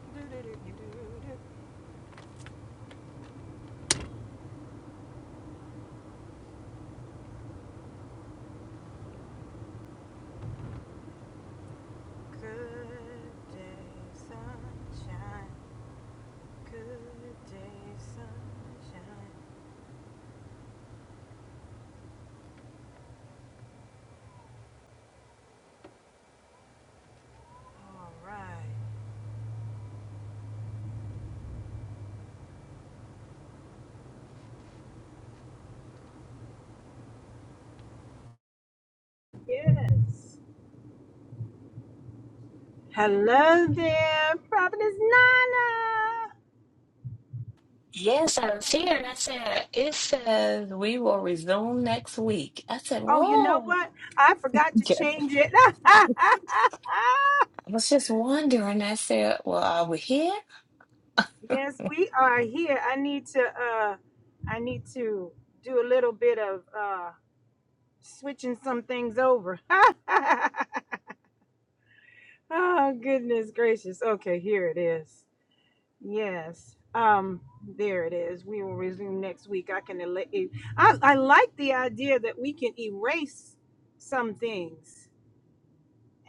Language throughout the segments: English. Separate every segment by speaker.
Speaker 1: Good day, sunshine. Good day, sunshine. All right. Yes. Hello there, Providence Nana.
Speaker 2: Yes, I was here and I said, it says we will resume next week. I said,
Speaker 1: Oh, you know
Speaker 2: whoa.
Speaker 1: what? I forgot to
Speaker 2: Yeah.
Speaker 1: change it.
Speaker 2: I was just wondering. I said, well, are we here?
Speaker 1: yes, we are here. I need to uh I need to do a little bit of uh switching some things over. Oh, goodness gracious. Okay, here it is. Yes. Um, there it is. We will resume next week. I can ele- e- I, I like the idea that we can erase some things.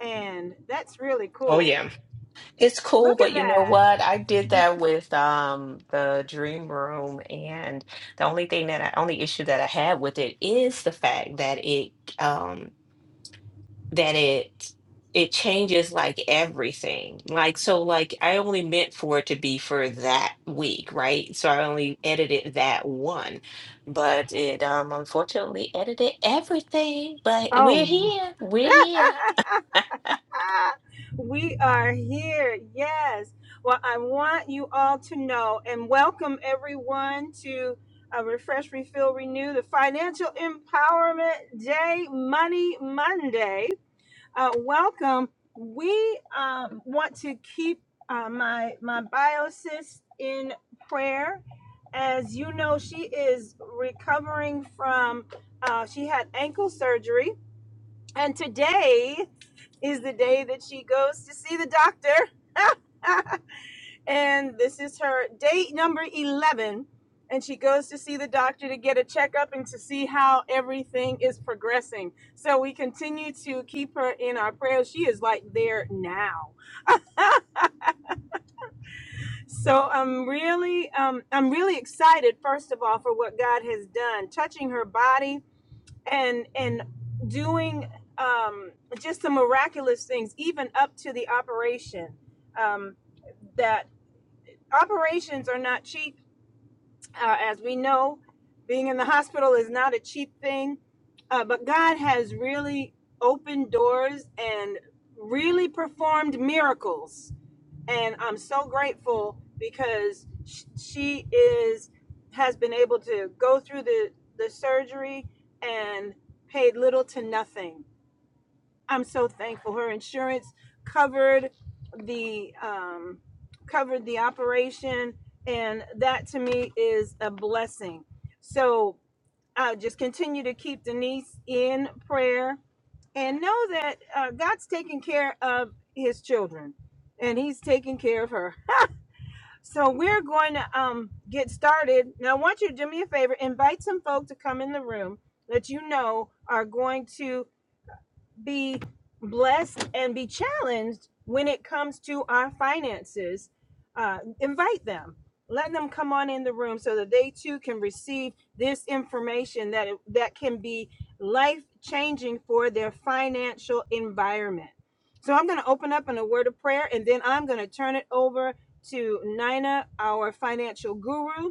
Speaker 1: And that's really
Speaker 2: Oh
Speaker 1: cool.
Speaker 2: yeah. It's cool,
Speaker 1: Look at
Speaker 2: but you know
Speaker 1: that.
Speaker 2: what? I did that with um the dream room and the only thing that I only issue that I had with it is the fact that it um. that it it changes like everything. Like so like I only meant for it to be for that week, right? So I only edited that one. But it um unfortunately edited everything. But we're
Speaker 1: Oh.
Speaker 2: here. We're here.
Speaker 1: we are here. Yes. Well, I want you all to know and welcome everyone to uh, Refresh, Refill, Renew, the Financial Empowerment Day, Money Monday. Uh, welcome. We um, want to keep uh, my my biosis in prayer. As you know, she is recovering from. Uh, she had ankle surgery, and today is the day that she goes to see the doctor. and this is her date number 11. And she goes to see the doctor to get a checkup and to see how everything is progressing. So we continue to keep her in our prayers. She is like there now. So I'm really, um, I'm really excited. First of all, for what God has done, touching her body, and and doing um, just some miraculous things, even up to the operation. Um, that operations are not cheap, uh, as we know. Being in the hospital is not a cheap thing, uh, but God has really opened doors and really performed miracles and I'm so grateful because sh- she is has been able to go through the the surgery and paid little to nothing. I'm so thankful. Her insurance covered the um, covered the operation, and that to me is a blessing. So uh, just continue to keep Denise in prayer and know that uh, God's taking care of his children and he's taking care of her so we're going to um, get started. Now, I want you to do me a favor, invite some folk to come in the room that you know are going to be blessed and be challenged when it comes to our finances, uh, invite them. Let them come on in the room so that they too can receive this information that that can be life changing for their financial environment. So I'm going to open up in a word of prayer, and then I'm going to turn it over to Nina, our financial guru,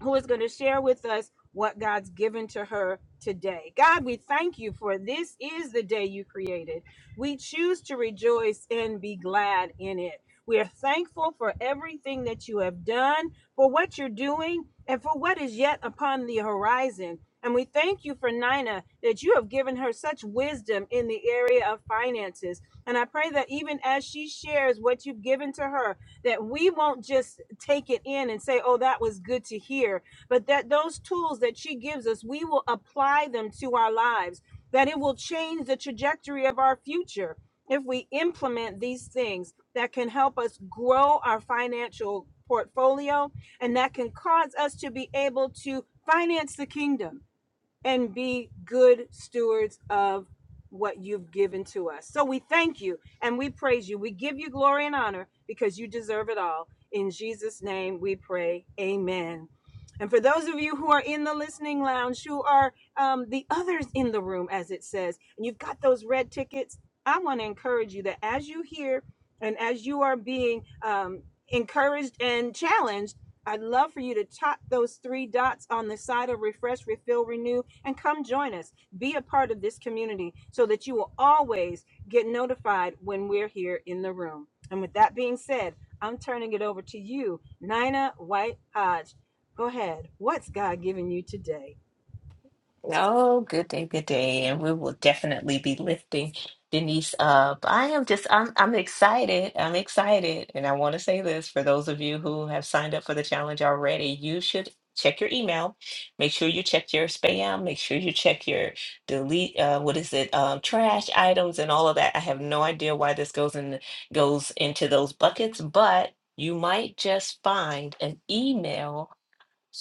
Speaker 1: who is going to share with us what God's given to her today. God, we thank you for this is the day you created. We choose to rejoice and be glad in it. We are thankful for everything that you have done, for what you're doing, and for what is yet upon the horizon. And we thank you for Nina that you have given her such wisdom in the area of finances. And I pray that even as she shares what you've given to her, that we won't just take it in and say, oh, that was good to hear, but that those tools that she gives us, we will apply them to our lives, that it will change the trajectory of our future if we implement these things that can help us grow our financial portfolio and that can cause us to be able to finance the kingdom and be good stewards of what you've given to us. So we thank you and we praise you. We give you glory and honor because you deserve it all. In Jesus' name we pray. Amen. And for those of you who are in the listening lounge, who are um, the others in the room, as it says, and you've got those red tickets, I want to encourage you that as you hear and as you are being um, encouraged and challenged, I'd love for you to tap those three dots on the side of Refresh, Refill, Renew, and come join us. Be a part of this community so that you will always get notified when we're here in the room. And with that being said, I'm turning it over to you, Nina White Hodge. Go ahead. What's God giving you today?
Speaker 2: Oh, good day, good day. And we will definitely be lifting Denise up. I am just, I'm, I'm excited. I'm excited. And I want to say this for those of you who have signed up for the challenge already, you should check your email. Make sure you check your spam. Make sure you check your delete, uh, what is it, um, trash items and all of that. I have no idea why this goes in, goes into those buckets, but you might just find an email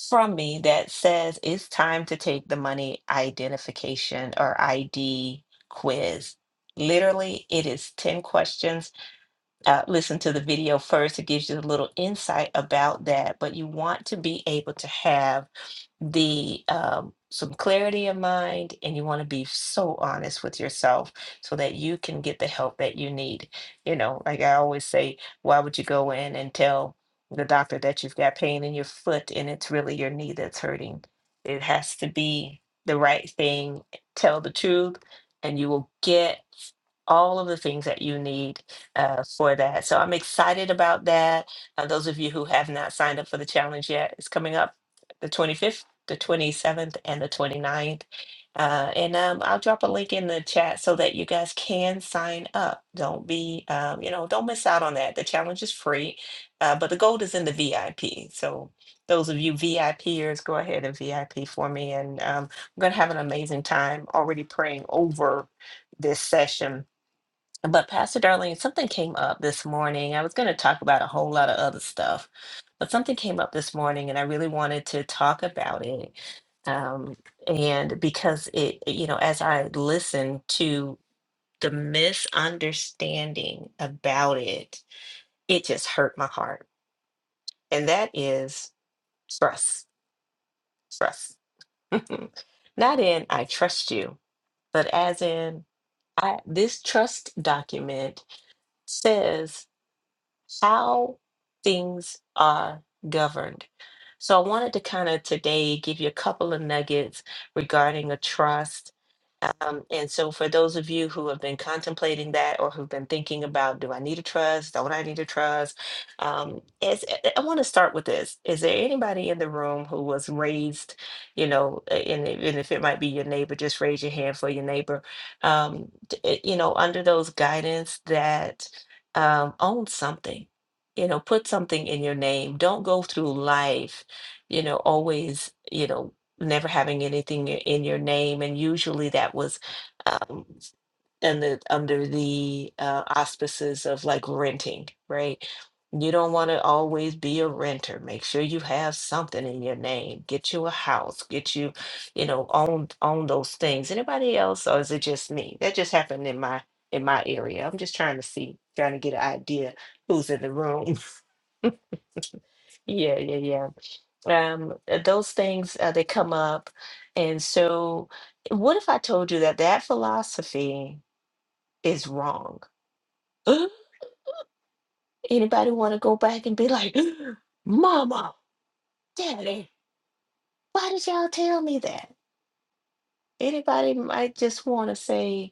Speaker 2: from me that says it's time to take the money identification or ID quiz. Literally, it is 10 questions. Uh, listen to the video first, it gives you a little insight about that, but you want to be able to have the um, some clarity of mind and you want to be so honest with yourself so that you can get the help that you need you know like i always say why would you go in and tell the doctor that you've got pain in your foot and it's really your knee that's hurting it has to be the right thing tell the truth and you will get all of the things that you need uh, for that. So I'm excited about that. Uh, those of you who have not signed up for the challenge yet, it's coming up the 25th the 27th and the 29th. Uh, and um, I'll drop a link in the chat so that you guys can sign up. Don't be, um, you know, don't miss out on that. The challenge is free, uh, but the gold is in the VIP. So those of you VIPers, go ahead and VIP for me. And um, we're going to have an amazing time already praying over this session. But Pastor Darlene, something came up this morning. I was going to talk about a whole lot of other stuff, but something came up this morning and I really wanted to talk about it um, and because it you know as i listened to the misunderstanding about it it just hurt my heart and that is trust trust not in i trust you but as in i this trust document says how things are governed so i wanted to kind of today give you a couple of nuggets regarding a trust Um, and so for those of you who have been contemplating that or who've been thinking about, do I need a trust? Don't I need a trust? Um, is, I I want to start with this. Is there anybody in the room who was raised, you know, a- and, if- and if it might be your neighbor, just raise your hand for your neighbor, um, d- eh, you know, under those guidance that um, own something, you know, put something in your name. Don't go through life, you know, always, you know, never having anything i- in your name, and usually that was um, in the under the uh, auspices of like renting, right? You don't want to always be a renter. Make sure you have something in your name. Get you a house. Get you, you know, own own those things. Anybody else, or is it just me? That just happened in my in my area. I'm just trying to see, trying to get an idea who's in the room. yeah, yeah, yeah um uh, those things uh, they come up and so what if i told you that that philosophy is wrong anybody want to go back and be like mama daddy why did y'all tell me that anybody might just want to say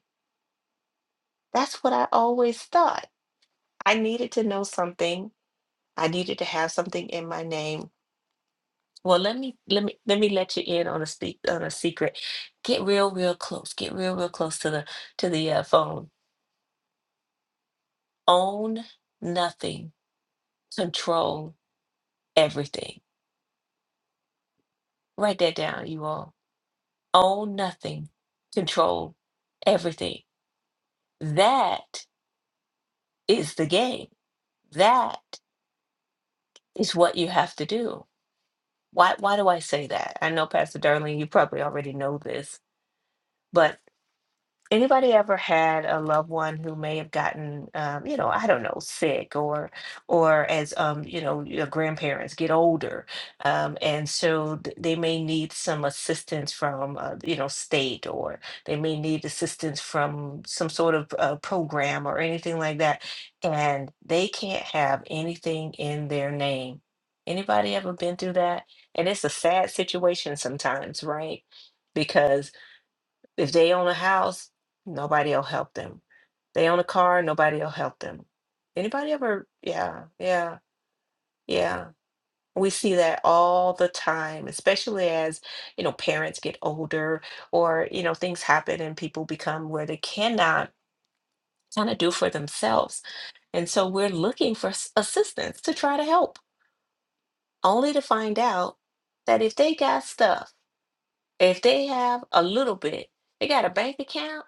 Speaker 2: that's what i always thought i needed to know something i needed to have something in my name well let me let me let me let you in on a speak on a secret get real real close get real real close to the to the uh, phone Own nothing, control everything. Write that down, you all. Own nothing, control everything. That is the game. That is what you have to do. Why why do I say that? I know Pastor Darlene. you probably already know this, but anybody ever had a loved one who may have gotten um, you know i don't know sick or or as um, you know your grandparents get older um, and so th- they may need some assistance from uh, you know state or they may need assistance from some sort of uh, program or anything like that and they can't have anything in their name anybody ever been through that and it's a sad situation sometimes right because if they own a house, nobody will help them. They own a car, nobody will help them. Anybody ever? Yeah, yeah, yeah. We see that all the time, especially as, you know, parents get older or, you know, things happen and people become where they cannot kind of do for themselves. And so we're looking for s- assistance to try to help, only to find out that if they got stuff if they have a little bit, they got a bank account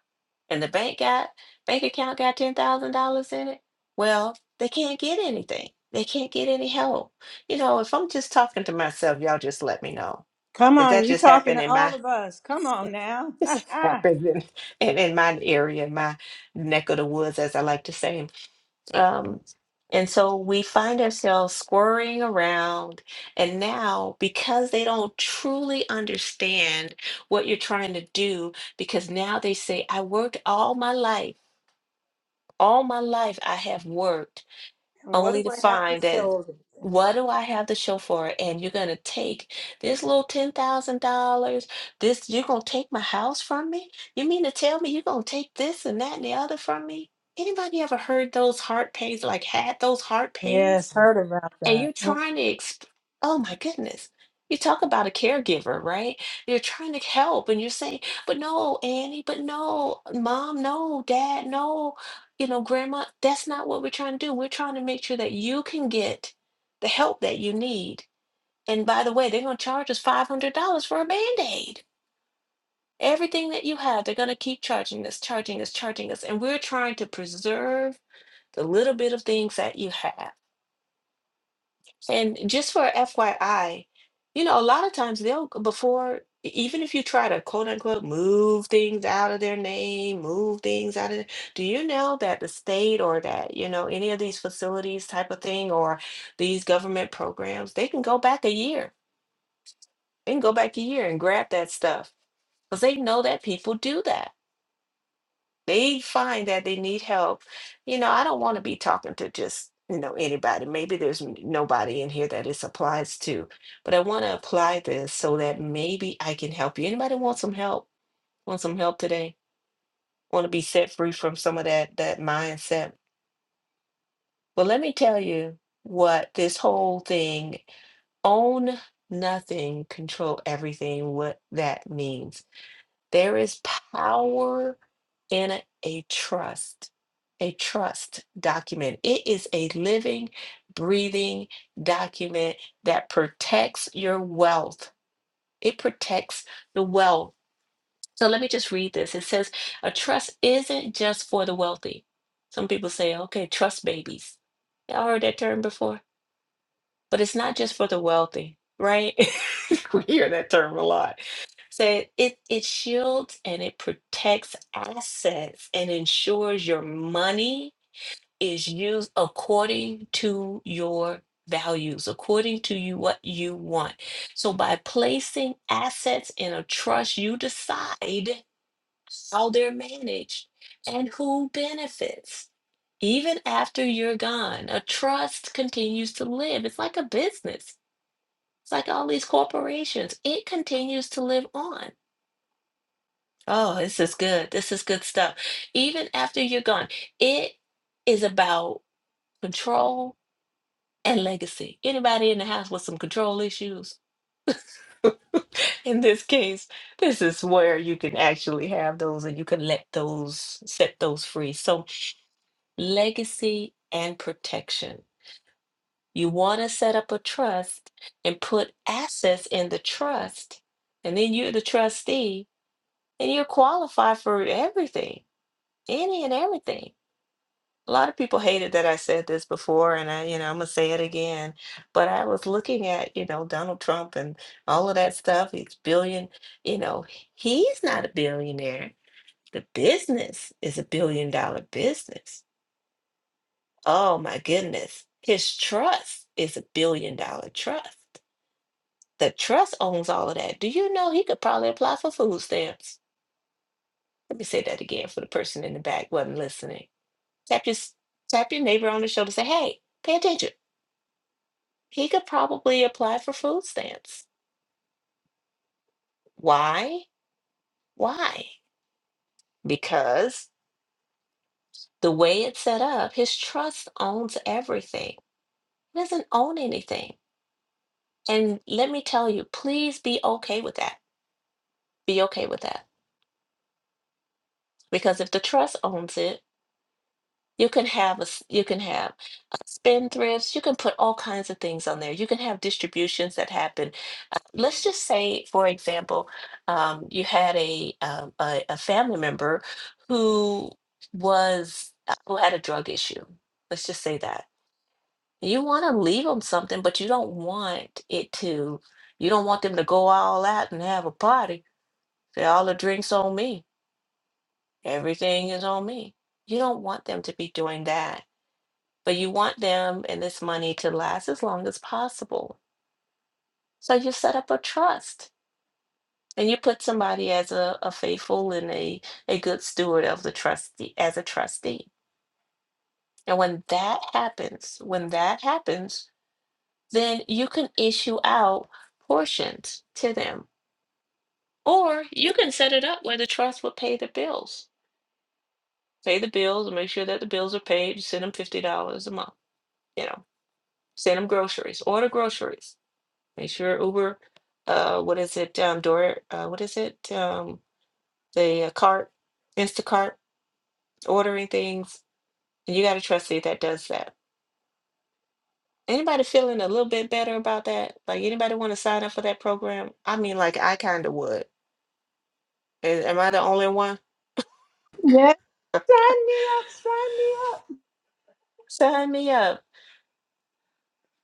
Speaker 2: and the bank got bank account got ten thousand dollars in it, well, they can't get anything. They can't get any help. You know, if I'm just talking to myself, y'all just let me know.
Speaker 1: Come
Speaker 2: If
Speaker 1: on,
Speaker 2: that
Speaker 1: you
Speaker 2: just
Speaker 1: talking
Speaker 2: happened
Speaker 1: to
Speaker 2: in my
Speaker 1: all of us. Come on now.
Speaker 2: this happens in, in, in my area, in my neck of the woods, as I like to say. Um, and so we find ourselves squirring around. And now, because they don't truly understand what you're trying to do, because now they say, I worked all my life, all my life I have worked
Speaker 1: And what do
Speaker 2: only to
Speaker 1: I have to
Speaker 2: find
Speaker 1: show
Speaker 2: that
Speaker 1: of it?
Speaker 2: what do I have to show for it? And you're gonna take this little ten thousand dollars, this you're gonna take my house from me? You mean to tell me you're gonna take this and that and the other from me? Anybody ever heard those heart pains, like had those heart pains?
Speaker 1: yes, heard about
Speaker 2: and
Speaker 1: that.
Speaker 2: you're trying to exp- oh my goodness you talk about a caregiver right you're trying to help and you're saying but no annie but no mom no dad no you know grandma that's not what we're trying to do we're trying to make sure that you can get the help that you need and by the way they're going to charge us $500 for a band-aid everything that you have they're going to keep charging us charging us charging us and we're trying to preserve the little bit of things that you have And just for FYI, you know, a lot of times they'll go before, e- even if you try to quote unquote move things out of their name, move things out of, the- do you know that the state or that, you know, any of these facilities type of thing or these government programs, they can go back a year. They can go back a year and grab that stuff because they know that people do that they find that they need help, you know, I don't want to be talking to just, you know, anybody. Maybe there's n- nobody in here that this applies to, but I want to apply this so that maybe I can help you. Anybody want some help? Want some help today? Want to be set free from some of that that mindset? Well, let me tell you what this whole thing own nothing, control everything, what that means. There is power in a trust, a trust document. It is a living, breathing document that protects your wealth. It protects the wealth. So let me just read this. It says, a trust isn't just for the wealthy. Some people say, okay, trust babies. Y'all heard that term before? But it's not just for the wealthy, right? we hear that term a lot. So it it shields and it protects assets and ensures your money is used according to your values, according to you what you want. So by placing assets in a trust, you decide how they're managed and who benefits. Even after you're gone, a trust continues to live. It's like a business it's like all these corporations, it continues to live on. Oh, this is good. This is good stuff. Even after you're gone, it is about control and legacy. Anybody in the house with some control issues? in this case, this is where you can actually have those and you can let those set those free. So, legacy and protection. You want to set up a trust and put assets in the trust, and then you're the trustee and you qualify for everything, any and everything. A lot of people hated that I said this before, and I, you know, I'm gonna say it again. But I was looking at, you know, Donald Trump and all of that stuff. He's billion, you know, he's not a billionaire. The business is a billion dollar business. Oh my goodness. His trust is a billion dollar trust. The trust owns all of that. Do you know he could probably apply for food stamps? Let me say that again for the person in the back wasn't listening Tap your s- tap your neighbor on the shoulder. Say, hey, pay attention. He could probably apply for food stamps. Why? Why? Because the way it's set up, his trust owns everything. He doesn't own anything. And let me tell you, please be okay with that. Be okay with that. Because if the trust owns it, You can have a, s- you can have uh, spendthrifts. You can put all kinds of things on there. You can have distributions that happen. Uh, let's just say, for example, um, you had a, um, a a family member who was uh, who had a drug issue. Let's just say that you want to leave them something, but you don't want it to. You don't want them to go all out and have a party. Say all the drinks on me. Everything is on me. You don't want them to be doing that but you want them and this money to last as long as possible. So you set up a trust and you put somebody as a, a faithful and a, a good steward of the trustee as a trustee. And when that happens, when that happens, then you can issue out portions to them. Or you can set it up where the trust will pay the bills. Pay the bills and make sure that the bills are paid. You send them $50 a month, you know, send them groceries, order groceries Make sure Uber, uh, what is it? Um, door, uh, what is it? Um, the uh, cart, Instacart, ordering things. And you got a trustee that does that. Anybody feeling a little bit better about that? Like anybody want to sign up for that program? I mean, like I kind of would. A- Am I the only one?
Speaker 1: Yes, sign me up, sign me
Speaker 2: Sign me up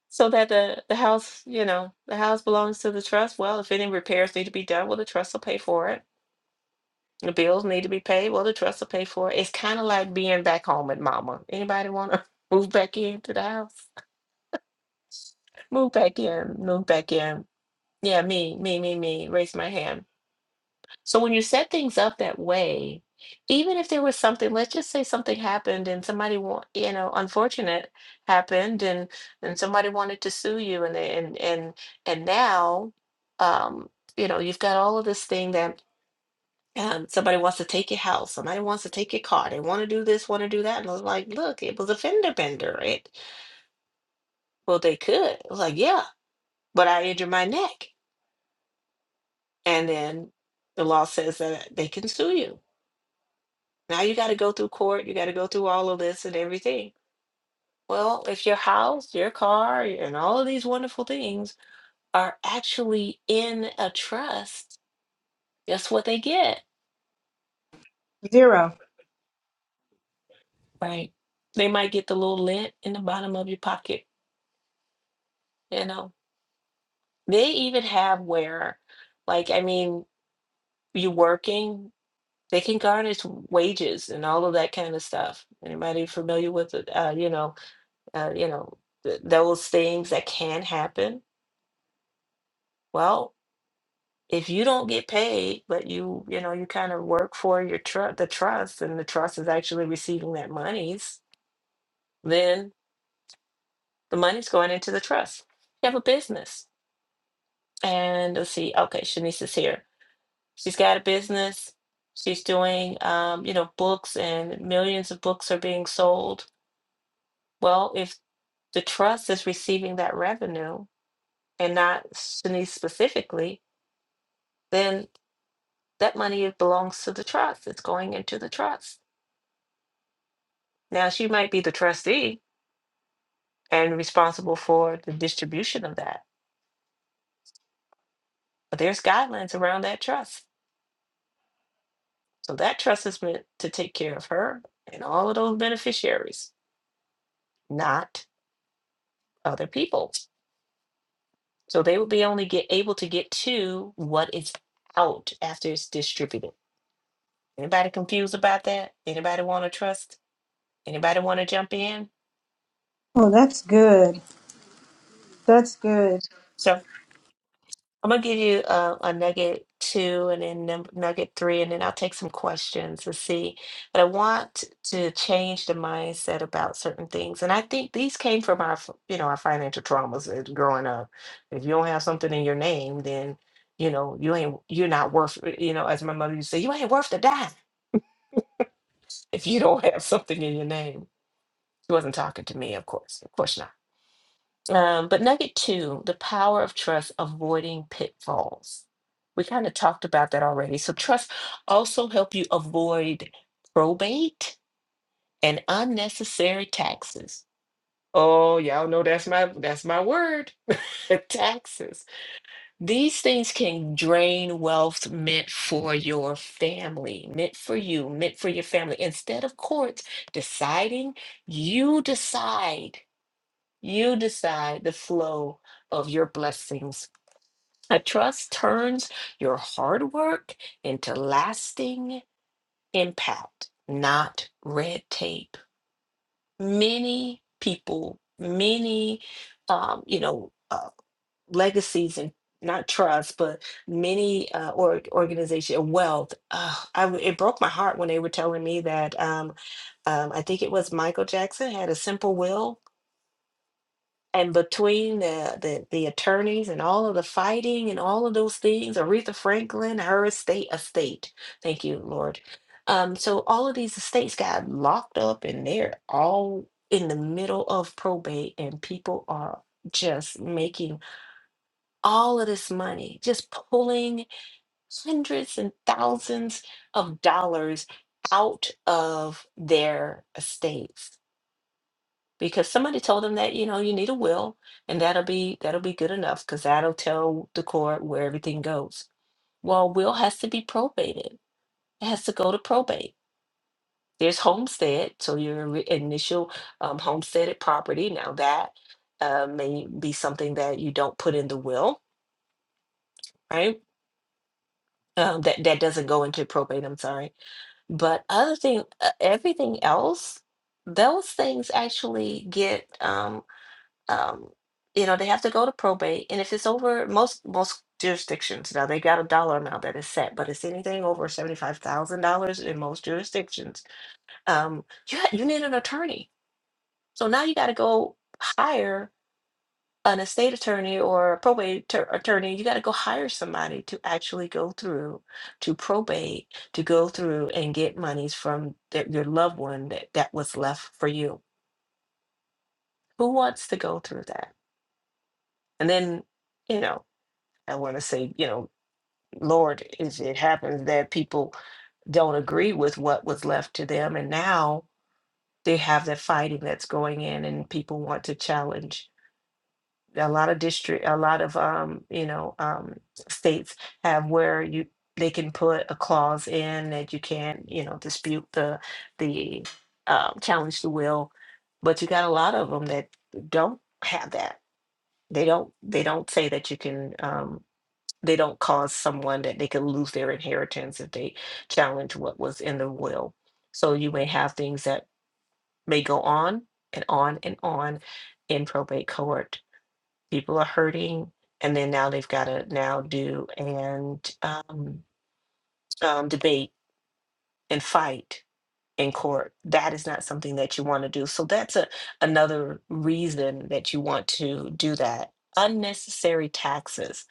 Speaker 2: so that the the house, you know, the house belongs to the trust. Well, if any repairs need to be done, well, the trust will pay for it The bills need to be paid. Well, the trust will pay for it. It's kind of like being back home with mama. Anybody want to move back into the house? Move back in. Move back in. Yeah, me, me, me, me. Raise my hand. So when you set things up that way, even if there was something, let's just say something happened and somebody want, you know, unfortunate happened and and somebody wanted to sue you and they- and and and now, um, you know, you've got all of this thing that Um, somebody wants to take your house. Somebody wants to take your car. They want to do this, want to do that. And I was like, look, it was a fender bender. It, well, they could. I was like, yeah, but I injured my neck. And then the law says that they can sue you. Now you got to go through court. You got to go through all of this and everything. Well, if your house, your car, and all of these wonderful things are actually in a trust, guess what they get?
Speaker 1: up. Zero.
Speaker 2: Right. They might get the little lint in the bottom of your pocket, you know They even have where, like, I mean, you working, they can garnish wages and all of that kind of stuff. Anybody familiar with it? Uh, you know, uh, you know, th- those things that can happen. Well, if you don't get paid, but you, you know, you kind of work for your trust, the trust, and the trust is actually receiving that monies, then the money's going into the trust. You have a business. And let's see, okay, Shanice is here. She's got a business. She's doing, um, you know, books and millions of books are being sold. Well, if the trust is receiving that revenue and not Shanice specifically, then that money belongs to the trust. It's going into the trust. Now, she might be the trustee and responsible for the distribution of that, but there's guidelines around that trust. So that trust is meant to take care of her and all of those beneficiaries, not other people. So they will be only get able to get to what is out after it's distributed. Anybody confused about that? Anybody want to trust? Anybody want to jump in?
Speaker 1: Oh, that's good. That's good.
Speaker 2: So. I'm gonna give you a, a nugget two and then num- nugget three, and then I'll take some questions to see. But I want to change the mindset about certain things, and I think these came from our, f- you know, our financial traumas as growing up. If you don't have something in your name, then you know you ain't you're not worth. eh, You know, as my mother used to say, you ain't worth the dime if you don't have something in your name. She wasn't talking to me, of course. Of course um, but nugget two, the power of trust avoiding pitfalls. We kind of talked about that already. So trust also help you avoid probate and unnecessary taxes. Oh, y'all know that's my that's my word. taxes. These things can drain wealth meant for your family, meant for you, meant for your family. Instead of courts deciding, you decide you decide the flow of your blessings. A trust turns your hard work into lasting impact, not red tape. Many people, many, um, you know, uh, legacies and not trust, but many uh, or organization wealth. Uh, I w- it broke my heart when they were telling me that um, um, I think it was Michael Jackson had a simple will and between the, the the attorneys and all of the fighting and all of those things, Aretha Franklin, her estate, estate. Thank you, Lord. Um, so all of these estates got locked up, and they're all in the middle of probate, and people are just making all of this money, just pulling hundreds and thousands of dollars out of their estates because somebody told them that you know you need a will and that'll be that'll be good enough because that'll tell the court where everything goes well will has to be probated it has to go to probate there's homestead so your ri- initial um, homesteaded property now that uh, may be something that you don't put in the will right um, that that doesn't go into probate i'm sorry but other thing uh, everything else those things actually get um, um, you know, they have to go to probate, and if it's over most most jurisdictions now, they got a dollar amount that is set, but it's anything over seventy five thousand dollars in most jurisdictions. Um, you ha- you need an attorney, so now you got to go hire an estate attorney or a probate tur- attorney. You got to go hire somebody to actually go through to probate to go through and get monies from th- your loved one that that was left for you. Who wants to go through that? And then you know. I want to say, you know, Lord, is it happens that people don't agree with what was left to them, and now they have that fighting that's going in, and people want to challenge. A lot of district, a lot of um, you know, um, states have where you they can put a clause in that you can't, you know, dispute the the um, challenge the will, but you got a lot of them that don't have that. They don't. They don't say that you can. Um, they don't cause someone that they could lose their inheritance if they challenge what was in the will. So you may have things that may go on and on and on in probate court. People are hurting, and then now they've got to now do and um, um, debate and fight in court. That is not something that you want to do. So that's a another reason that you want to do that. Unnecessary taxes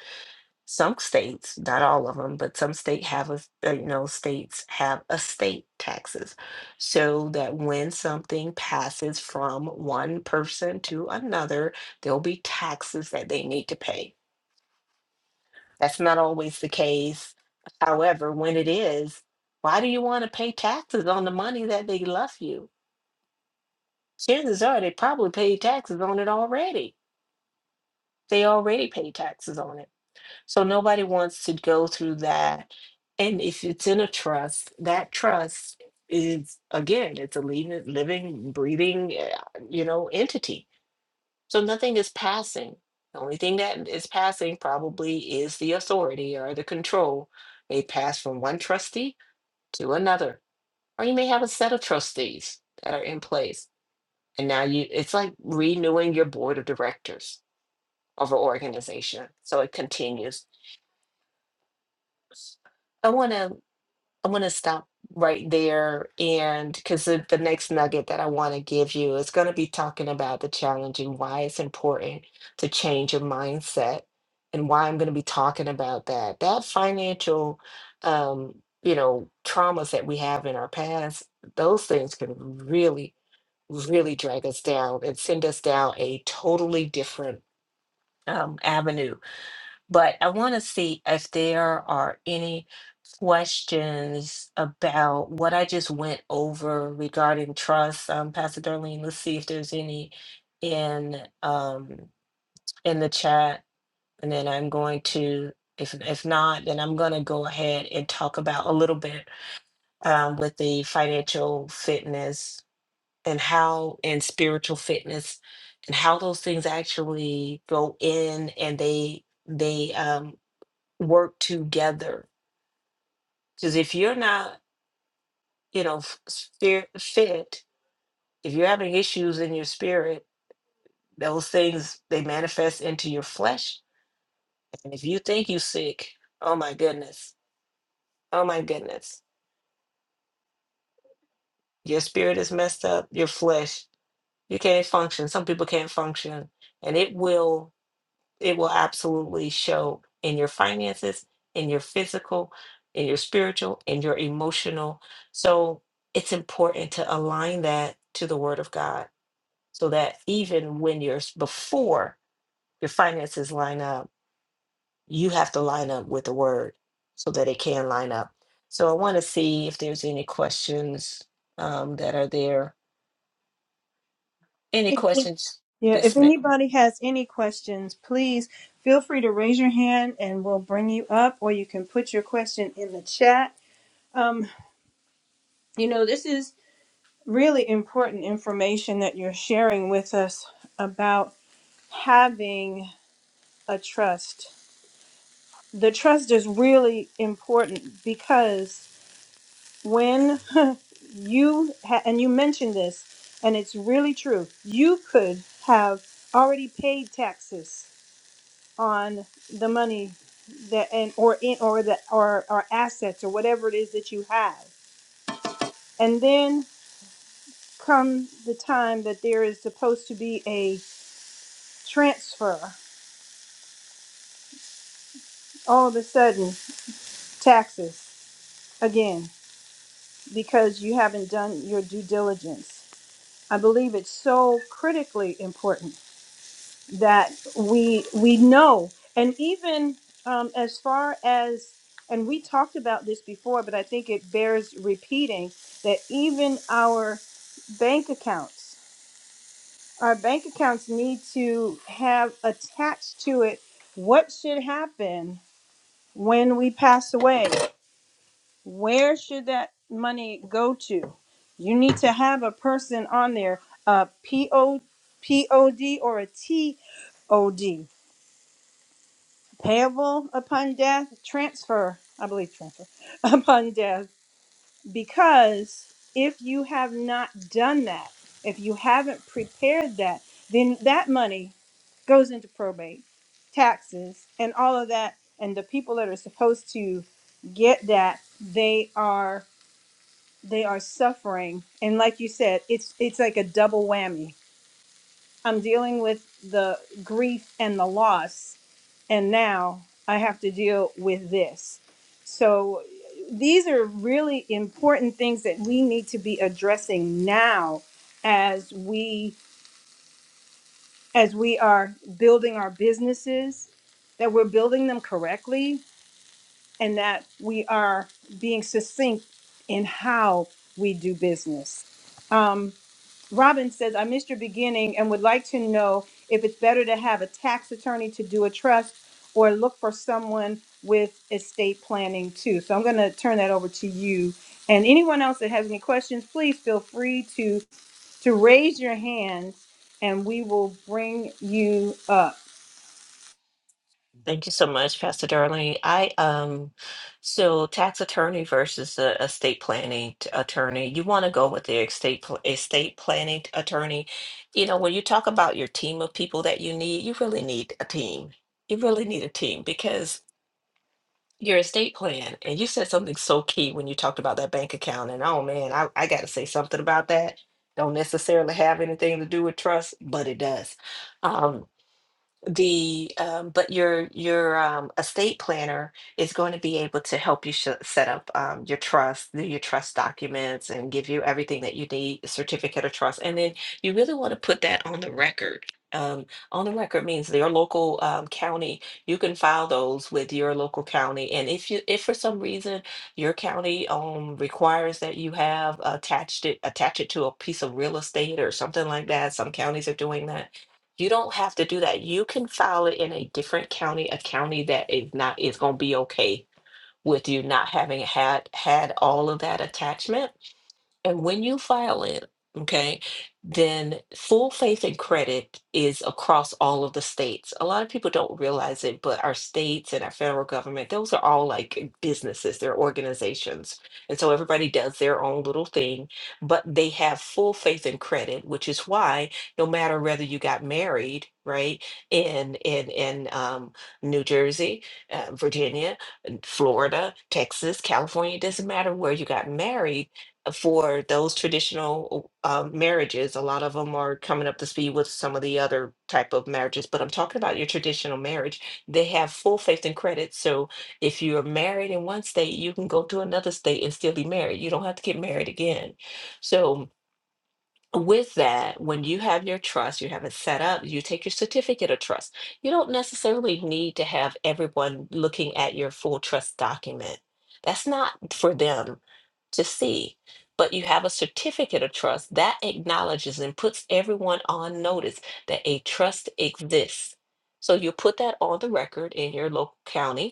Speaker 2: some states, not all of them, but some state have a, uh, you know, states have estate taxes so that when something passes from one person to another, there'll be taxes that they need to pay. That's not always the case. However, when it is, why do you want to pay taxes on the money that they left you? Chances are they probably paid taxes on it already. They already paid taxes on it. So nobody wants to go through that. And if it's in a trust, that trust is again, it's a living, living, breathing, uh, you know, entity. So nothing is passing. The only thing that is passing probably is the authority or the control. They pass from one trustee to another, or you may have a set of trustees that are in place. And now you, it's like renewing your board of directors of an organization. So it continues. I want to I'm going to stop right there. And because the, the next nugget that I want to give you is going to be talking about the challenge and why it's important to change your mindset and why I'm going to be talking about that. That financial, um, you know, traumas that we have in our past, those things can really, really drag us down and send us down a totally different um, avenue. But I want to see if there are any questions about what I just went over regarding trust. Um, Pastor Darlene, let's see if there's any in um, in the chat, and then I'm going to. If, if not, then I'm going to go ahead and talk about a little bit um, with the financial fitness and how and spiritual fitness and how those things actually go in and they they um, work together. Because if you're not you know, f- spir- fit, if you're having issues in your spirit, those things they manifest into your flesh. And if you think you sick, oh my goodness, oh my goodness, your spirit is messed up, your flesh, you can't function. Some people can't function, and it will, it will absolutely show in your finances, in your physical, in your spiritual, in your emotional. So it's important to align that to the Word of God so that even when you're s- before your finances line up, you have to line up with the word so that it can line up. So I want to see if there's any questions um, that are there. Any
Speaker 1: If-
Speaker 2: questions?
Speaker 1: Yeah, if
Speaker 2: Yes, ma'am.
Speaker 1: anybody has any questions, please feel free to raise your hand and we'll bring you up, or you can put your question in the chat. Um, you know, this is really important information that you're sharing with us about having a trust. The trust is really important because when you ha- and you mentioned this and it's really true you could have already paid taxes on the money that and or in or the or, or assets or whatever it is that you have and then come the time that there is supposed to be a transfer all of a sudden taxes again because you haven't done your due diligence i believe it's so critically important that we we know and even um, as far as and we talked about this before but i think it bears repeating that even our bank accounts our bank accounts need to have attached to it what should happen when we pass away where should that money go to you need to have a person on there a p o p o d or a T O D. payable upon death, transfer, I believe transfer, upon death, because if you have not done that, if you haven't prepared that, then that money goes into probate, taxes, and all of that. And the people that are supposed to get that, they are they are suffering. And like you said, it's it's like a double whammy. I'm dealing with the grief and the loss, and now I have to deal with this. So these are really important things that we need to be addressing now as we as we are building our businesses that we're building them correctly and that we are being succinct in how we do business. Um, Robin says, I missed your beginning and would like to know if it's better to have a tax attorney to do a trust or look for someone with estate planning too. So I'm going to turn that over to you. And anyone else that has any questions, please feel free to to raise your hands and we will bring you up.
Speaker 2: Thank you so much, Pastor Darlene. I um, so tax attorney versus a estate planning t- attorney. You want to go with the estate pl- estate planning attorney. You know, when you talk about your team of people that you need, you really need a team. You really need a team because your estate plan. And you said something so key when you talked about that bank account. And oh man, I, I got to say something about that. Don't necessarily have anything to do with trust, but it does. Um, the um, but your your um, estate planner is going to be able to help you sh- set up um, your trust, do your trust documents, and give you everything that you need, a certificate of trust, and then you really want to put that on the record. Um, on the record means your local um, county. You can file those with your local county, and if you if for some reason your county um, requires that you have attached it attach it to a piece of real estate or something like that, some counties are doing that you don't have to do that. You can file it in a different county, a county that is not is going to be okay with you not having had had all of that attachment and when you file it, okay, then full faith and credit is across all of the states. A lot of people don't realize it, but our states and our federal government, those are all like businesses, they're organizations. And so everybody does their own little thing, but they have full faith and credit, which is why no matter whether you got married, right, in in in um, New Jersey, uh, Virginia, Florida, Texas, California, it doesn't matter where you got married for those traditional uh, marriages. A lot of them are coming up to speed with some of the other type of marriages, but I'm talking about your traditional marriage. They have full faith and credit. So if you are married in one state, you can go to another state and still be married. You don't have to get married again. So with that, when you have your trust, you have it set up, you take your certificate of trust. You don't necessarily need to have everyone looking at your full trust document. That's not for them to see. But you have a certificate of trust that acknowledges and puts everyone on notice that a trust exists. So you put that on the record in your local county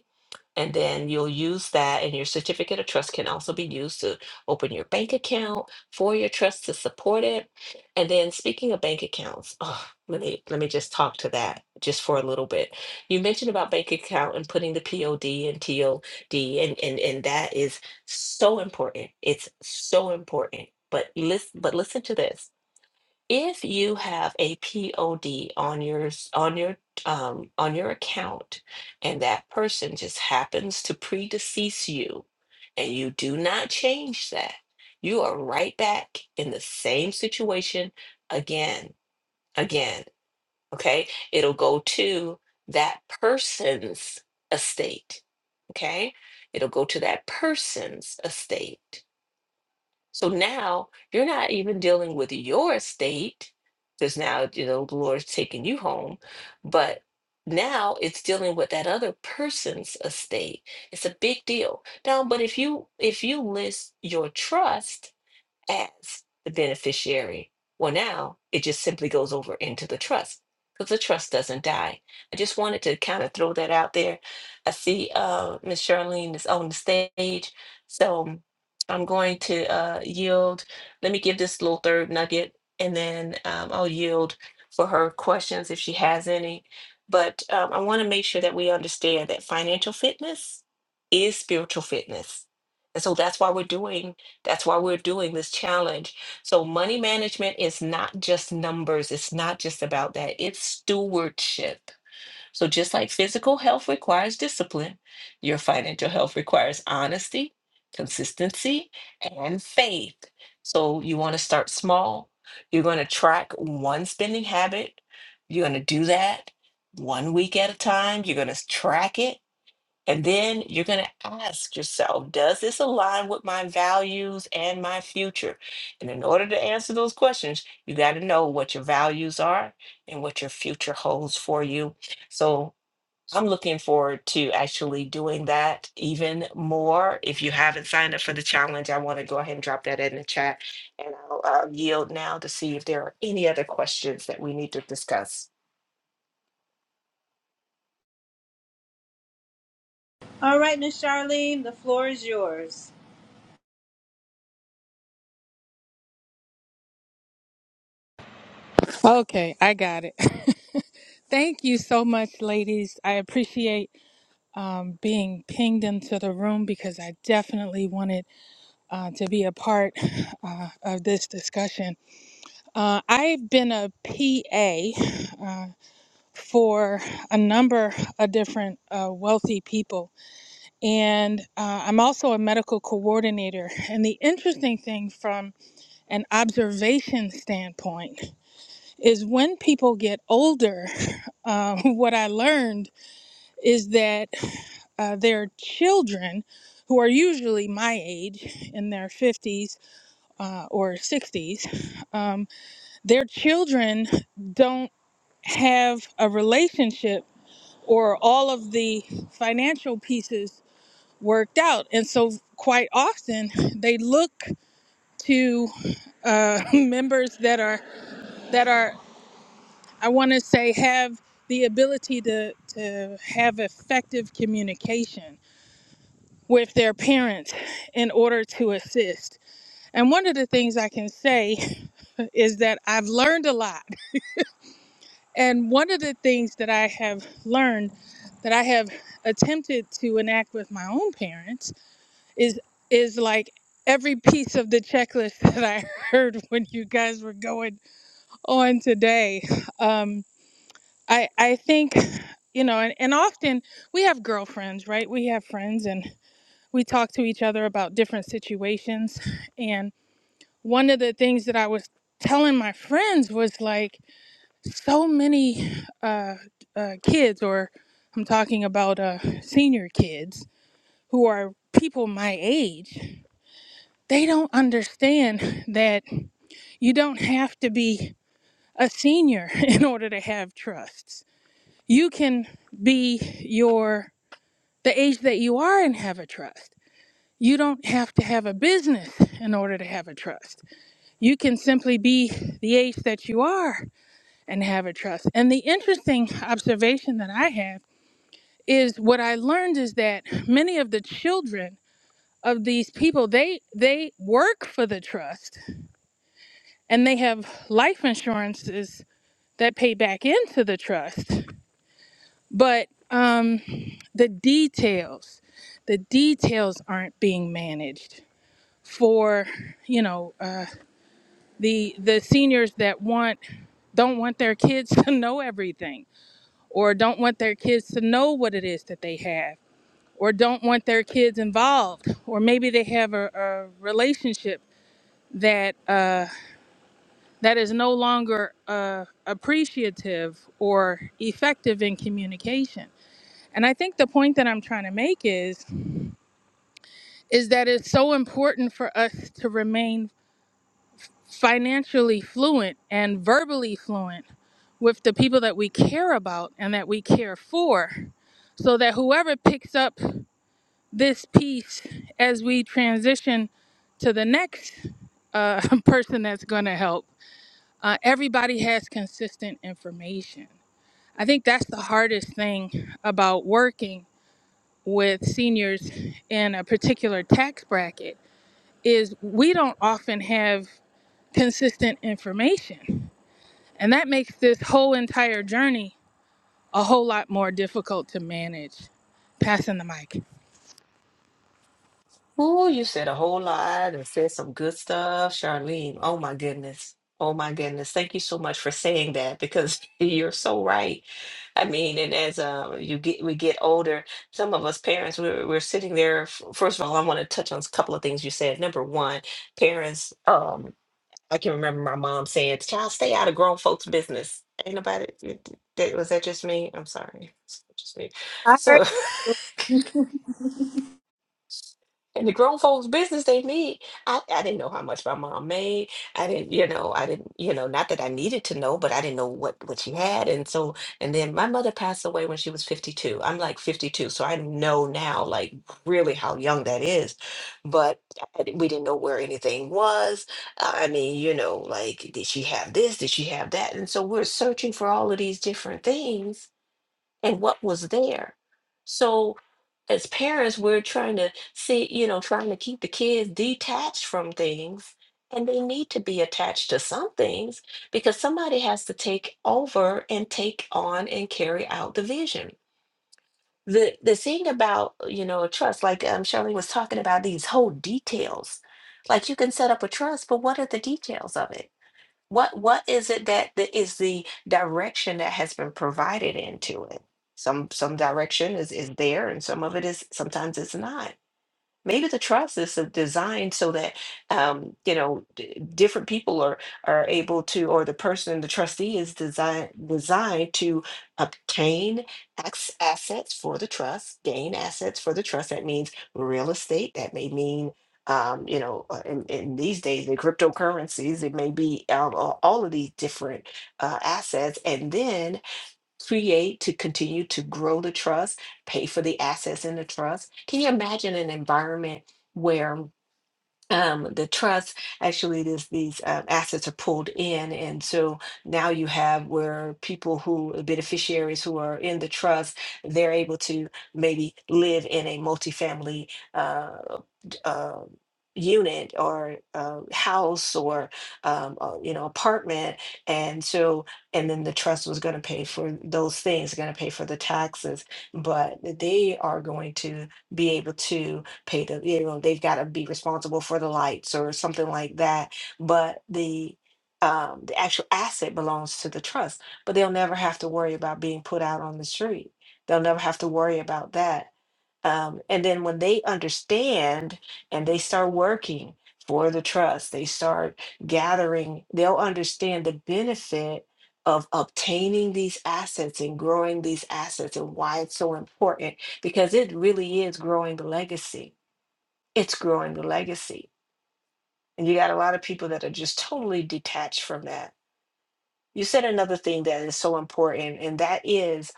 Speaker 2: and then you'll use that, and your certificate of trust can also be used to open your bank account for your trust to support it. And then, speaking of bank accounts, oh, let me let me just talk to that just for a little bit. You mentioned about bank account and putting the POD and TOD, and and and that is so important. It's so important. But listen, but listen to this if you have a POD on your s- on your um, on your account, and that person just happens to predecease you, and you do not change that, you are right back in the same situation again, again. Okay, it'll go to that person's estate. Okay, it'll go to that person's estate so now you're not even dealing with your estate, because now you know the Lord's taking you home, but now it's dealing with that other person's estate. It's a big deal. Now, but if you if you list your trust, as the beneficiary. Well, now it just simply goes over into the trust because the trust doesn't die. I just wanted to kind of throw that out there. I see uh, Miss Charlene is on the stage, so I'm going to uh, yield. Let me give this little third nugget, and then um, I'll yield for her questions if she has any. But um, I want to make sure that we understand that financial fitness is spiritual fitness. And so that's why we're doing that's why we're doing this challenge. So, money management is not just numbers, it's not just about that, it's stewardship. So, just like physical health requires discipline, your financial health requires honesty, consistency, and faith. So, you want to start small. You're going to track one spending habit. You're going to do that one week at a time. You're going to track it. And then you're going to ask yourself, does this align with my values and my future? And in order to answer those questions, you got to know what your values are and what your future holds for you. So I'm looking forward to actually doing that even more. If you haven't signed up for the challenge, I want to go ahead and drop that in the chat. And I'll uh, yield now to see if there are any other questions that we need to discuss.
Speaker 1: All right, Miss Charlene, the floor is yours.
Speaker 3: Okay, I got it. Thank you so much, ladies. I appreciate um, being pinged into the room because I definitely wanted uh, to be a part uh, of this discussion. Uh, I've been a PA uh, for a number of different uh, wealthy people, and uh, I'm also a medical coordinator. And the interesting thing from an observation standpoint, is when people get older, uh, what I learned is that uh, their children, who are usually my age in their 50s uh, or 60s, um, their children don't have a relationship or all of the financial pieces worked out. And so, quite often, they look to uh, members that are that are I want to say have the ability to, to have effective communication with their parents in order to assist. And one of the things I can say is that I've learned a lot. And one of the things that I have learned that I have attempted to enact with my own parents is is like every piece of the checklist that I heard when you guys were going on today. Um, I I think you know, and, and often we have girlfriends, right? We have friends and we talk to each other about different situations. And one of the things that I was telling my friends was like so many uh, uh, kids, or I'm talking about uh, senior kids who are people my age, they don't understand that you don't have to be a senior in order to have trusts. You can be your the age that you are and have a trust. You don't have to have a business in order to have a trust. You can simply be the age that you are and have a trust. And the interesting observation that I have is what I learned is that many of the children of these people they they work for the trust and they have life insurances that pay back into the trust. But um, the details, the details aren't being managed for you know uh, the the seniors that want don't want their kids to know everything or don't want their kids to know what it is that they have or don't want their kids involved or maybe they have a, a relationship that uh, that is no longer uh, appreciative or effective in communication and i think the point that i'm trying to make is is that it's so important for us to remain financially fluent and verbally fluent with the people that we care about and that we care for so that whoever picks up this piece as we transition to the next uh, person that's going to help uh, everybody has consistent information i think that's the hardest thing about working with seniors in a particular tax bracket is we don't often have consistent information And that makes this whole entire journey a whole lot more difficult to manage. Passing the mic.
Speaker 2: Oh, you said a whole lot and said some good stuff, Charlene. Oh my goodness. Oh my goodness. Thank you so much for saying that because you're so right. I mean, and as uh, you get we get older, some of us parents we're, we're sitting there. f- First of all, I want to touch on a couple of things you said. Number one, parents. Um, I can remember my mom saying, "Child, stay out of grown folks' business." Ain't nobody. That was that just me? I'm sorry. Just me.
Speaker 1: I heard
Speaker 2: So. And the grown folks' business they need. I, I didn't know how much my mom made. I didn't, you know, I didn't, you know, not that I needed to know, but I didn't know what what she had. And so, and then my mother passed away when she was 52. I'm like 52, so I know now, like really how young that is. But I di- we didn't know where anything was. Uh, I mean, you know, like did she have this? Did she have that? And so we're searching for all of these different things and what was there. So as parents, we're trying to see, you know, trying to keep the kids detached from things. And they need to be attached to some things because somebody has to take over and take on and carry out the vision. The the thing about, you know, a trust, like um Shirley was talking about these whole details. Like you can set up a trust, but what are the details of it? What what is it that that is the direction that has been provided into it? Some some direction is is there, and some of it is sometimes it's not. Maybe the trust is uh, designed so that um, you know d- different people are are able to, or the person, the trustee is designed designed to obtain ex- assets for the trust, gain assets for the trust. That means real estate. That may mean um, you know, uh, in, in these days, the cryptocurrencies. It may be um, a- all of these different uh, assets, and then create to continue to grow the trust, pay for the assets in the trust. Can you imagine an environment where um, the trust actually this these um, assets are pulled in and so now you have where people who uh, beneficiaries who are in the trust they're able to maybe live in a multifamily uh, d- uh, unit or uh, house or um, uh, you know apartment and so and then the trust was going to pay for those things going to pay for the taxes but they are going to be able to pay the you know they've got to be responsible for the lights or something like that but the um the actual asset belongs to the trust but they'll never have to worry about being put out on the street they'll never have to worry about that um, and then when they understand and they start working for the trust they start gathering they'll understand the benefit of obtaining these assets and growing these assets and why it's so important because it really is growing the legacy it's growing the legacy. And you got a lot of people that are just totally detached from that. You said another thing that is so important, and that is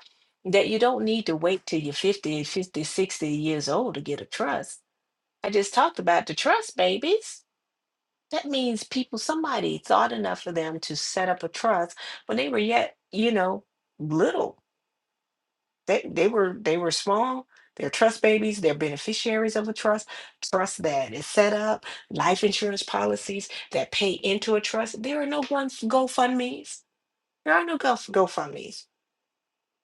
Speaker 2: that you don't need to wait till you're fifty, fifty, sixty years old to get a trust. I just talked about the trust babies. That means people, somebody thought enough of them to set up a trust when they were yet, you know, little They they were they were small. They're trust babies. They're beneficiaries of a trust. Trust that is set up. Life insurance policies that pay into a trust. There are no one GoFundmes. There are no Go GoFundmes.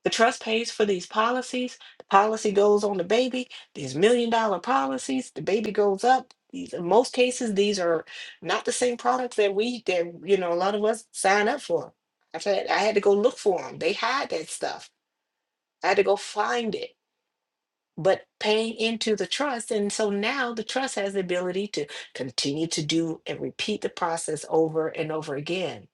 Speaker 2: The trust pays for these policies. The policy goes on the baby. These million dollar policies. The baby goes up. These, in most cases, these are not the same products that we that you know a lot of us sign up for. I've had I had to go look for them. They hide that stuff. I had to go find it but paying into the trust. And so now the trust has the ability to continue to do and repeat the process over and over again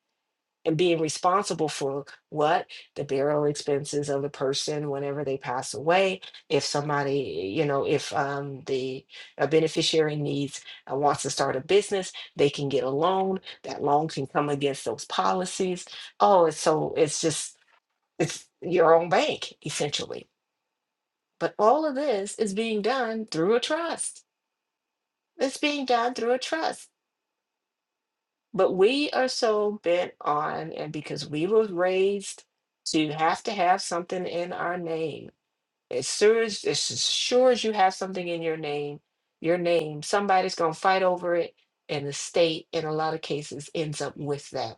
Speaker 2: and being responsible for what the burial expenses of the person whenever they pass away if somebody you know if um, the a beneficiary needs uh, wants to start a business they can get a loan that loan can come against those policies oh it's so it's just it's your own bank essentially but all of this is being done through a trust. It's being done through a trust. But we are so bent on, and because we were raised to have to have something in our name. As sure as, as sure as you have something in your name, your name, somebody's going to fight over it. And the state, in a lot of cases, ends up with that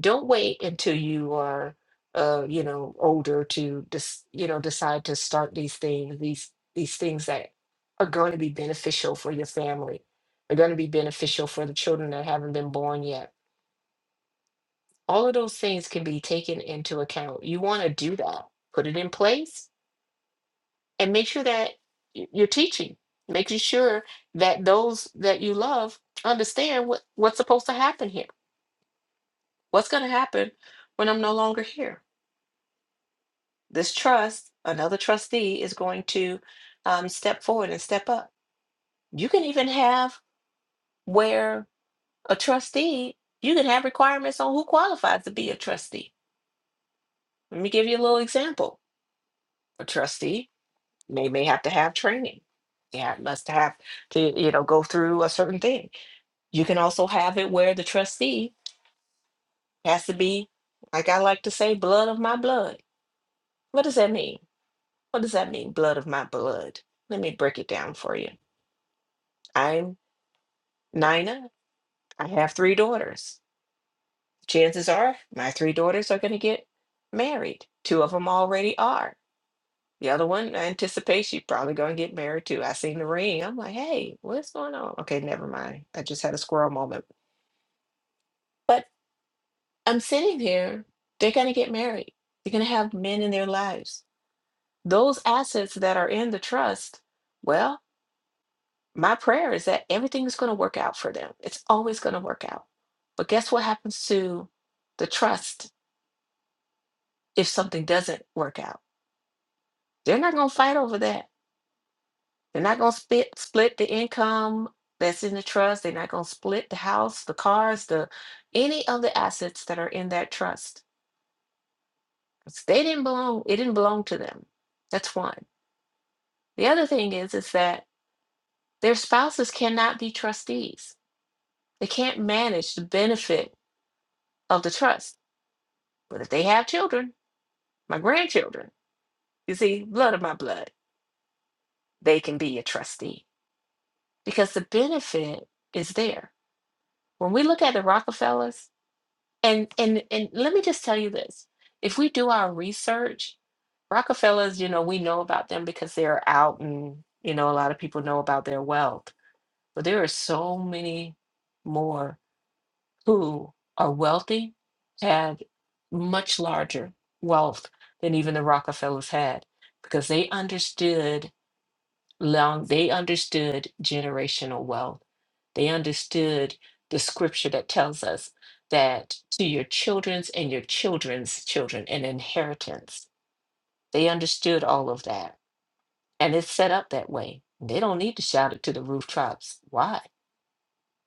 Speaker 2: don't wait until you are uh you know older to dis- you know decide to start these things these these things that are going to be beneficial for your family are going to be beneficial for the children that haven't been born yet all of those things can be taken into account you want to do that put it in place and make sure that y- you're teaching making sure that those that you love understand what, what's supposed to happen here what's going to happen when i'm no longer here this trust, another trustee is going to um, step forward and step up. You can even have where a trustee, you can have requirements on who qualifies to be a trustee. Let me give you a little example. A trustee may may have to have training. Yeah, must have to, you know, go through a certain thing. You can also have it where the trustee has to be, like I like to say, blood of my blood. What does that mean? What does that mean, blood of my blood? Let me break it down for you. I'm Nina, I have three daughters. Chances are my three daughters are going to get married. Two of them already are. The other one, I anticipate she's probably going to get married too. I seen the ring. I'm like, hey, what's going on? Okay, never mind. I just had a squirrel moment. But I'm sitting here, they're going to get married. They're going to have men in their lives. Those assets that are in the trust, well, my prayer is that everything is going to work out for them. It's always going to work out. But guess what happens to the trust if something doesn't work out. They're not going to fight over that. They're not going to split split the income that's in the trust. They're not going to split the house, the cars, the any of the assets that are in that trust. 'Cause They didn't belong. It didn't belong to them. That's one. The other thing is is that their spouses cannot be trustees. They can't manage the benefit of the trust. But if they have children, my grandchildren, you see, blood of my blood, they can be a trustee because the benefit is there When we look at the Rockefellers, and and and let me just tell you this: if we do our research, Rockefellers, you know, we know about them because they're out, and you know, a lot of people know about their wealth. But there are so many more who are wealthy, had much larger wealth than even the Rockefellers had, because they understood long they understood generational wealth they understood the scripture that tells us that to your children's and your children's children an inheritance they understood all of that and it's set up that way they don't need to shout it to the rooftops why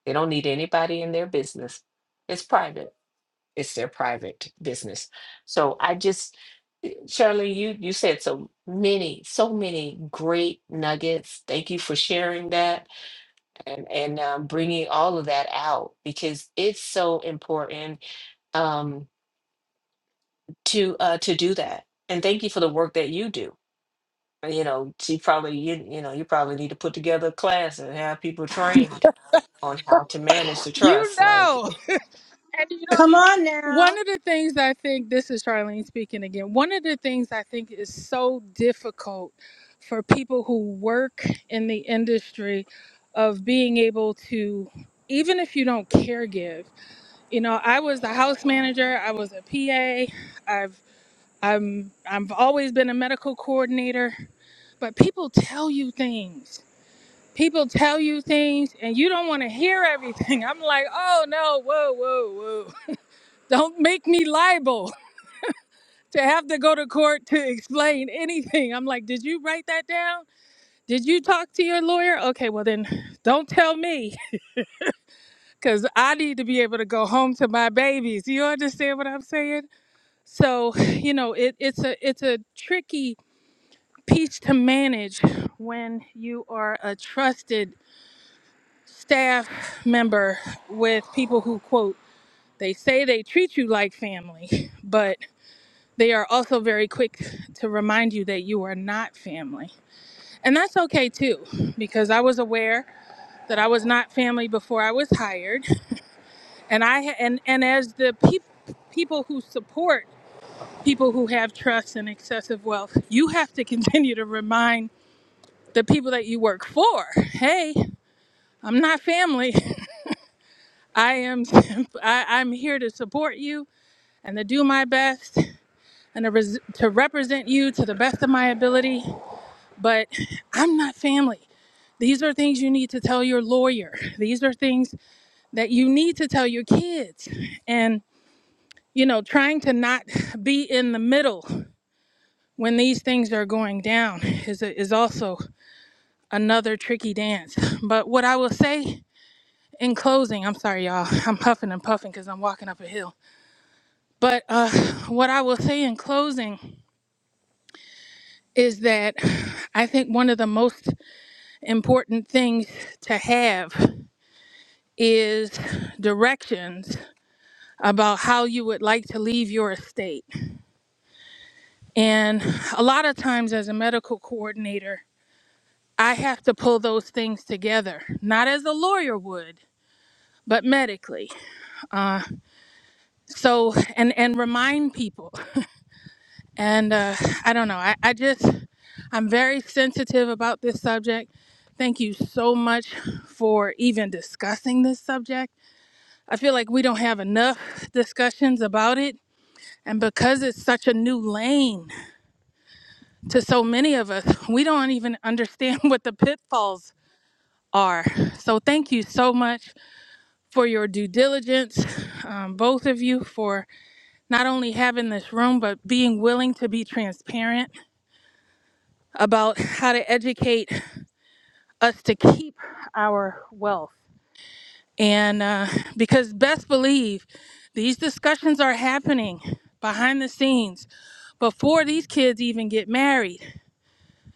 Speaker 2: they don't need anybody in their business it's private it's their private business so i just Shirley, you you said so many, so many great nuggets. Thank you for sharing that. and and um, bringing all of that out because it's so important um, to uh, to do that. And thank you for the work that you do. Uh, You know, you probably you you know you probably need to put together a class and have people trained on how to manage the
Speaker 3: You
Speaker 2: trust. Like,
Speaker 3: know,
Speaker 2: and
Speaker 3: and you know,
Speaker 1: Come on now.
Speaker 3: one of the things I think, this is Charlene speaking again, one of the things I think is so difficult for people who work in the industry of being able to, even if you don't care give, you know, I was a house manager, I was a PA, I've I'm I'm- I've always been a medical coordinator but people tell you things. People tell you things and you don't want to hear everything. I'm like, oh no, whoa, whoa, whoa. Don't make me liable to have to go to court to explain anything. I'm like, did you write that down? Did you talk to your lawyer? Okay, well then don't tell me because I need to be able to go home to my babies. You understand what I'm saying? So, you know, it, it's a it's a tricky piece to manage when you are a trusted staff member with people who quote they say they treat you like family but they are also very quick to remind you that you are not family and that's okay too because i was aware that i was not family before i was hired and i ha- and and as the peop- people who support people who have trust and excessive wealth you have to continue to remind the people that you work for hey i'm not family i am I, i'm here to support you and to do my best and to, res- to represent you to the best of my ability. But I'm not family. These are things you need to tell your lawyer. These are things that you need to tell your kids. And, you know, trying to not be in the middle when these things are going down is, is also another tricky dance. But what I will say in closing, I'm sorry, y'all, I'm huffing and puffing because I'm walking up a hill. But uh, what I will say in closing is that I think one of the most important things to have is directions about how you would like to leave your estate. And a lot of times, as a medical coordinator, I have to pull those things together, not as a lawyer would. But medically, so and and remind people, and uh, I don't know. I, I just I'm very sensitive about this subject. Thank you so much for even discussing this subject I feel like we don't have enough discussions about it. And because it's such a new lane to so many of us, we don't even understand what the pitfalls are. So, thank you so much for your due diligence, um, both of you, for not only having this room, but being willing to be transparent about how to educate us to keep our wealth. And uh, because best believe these discussions are happening behind the scenes before these kids even get married.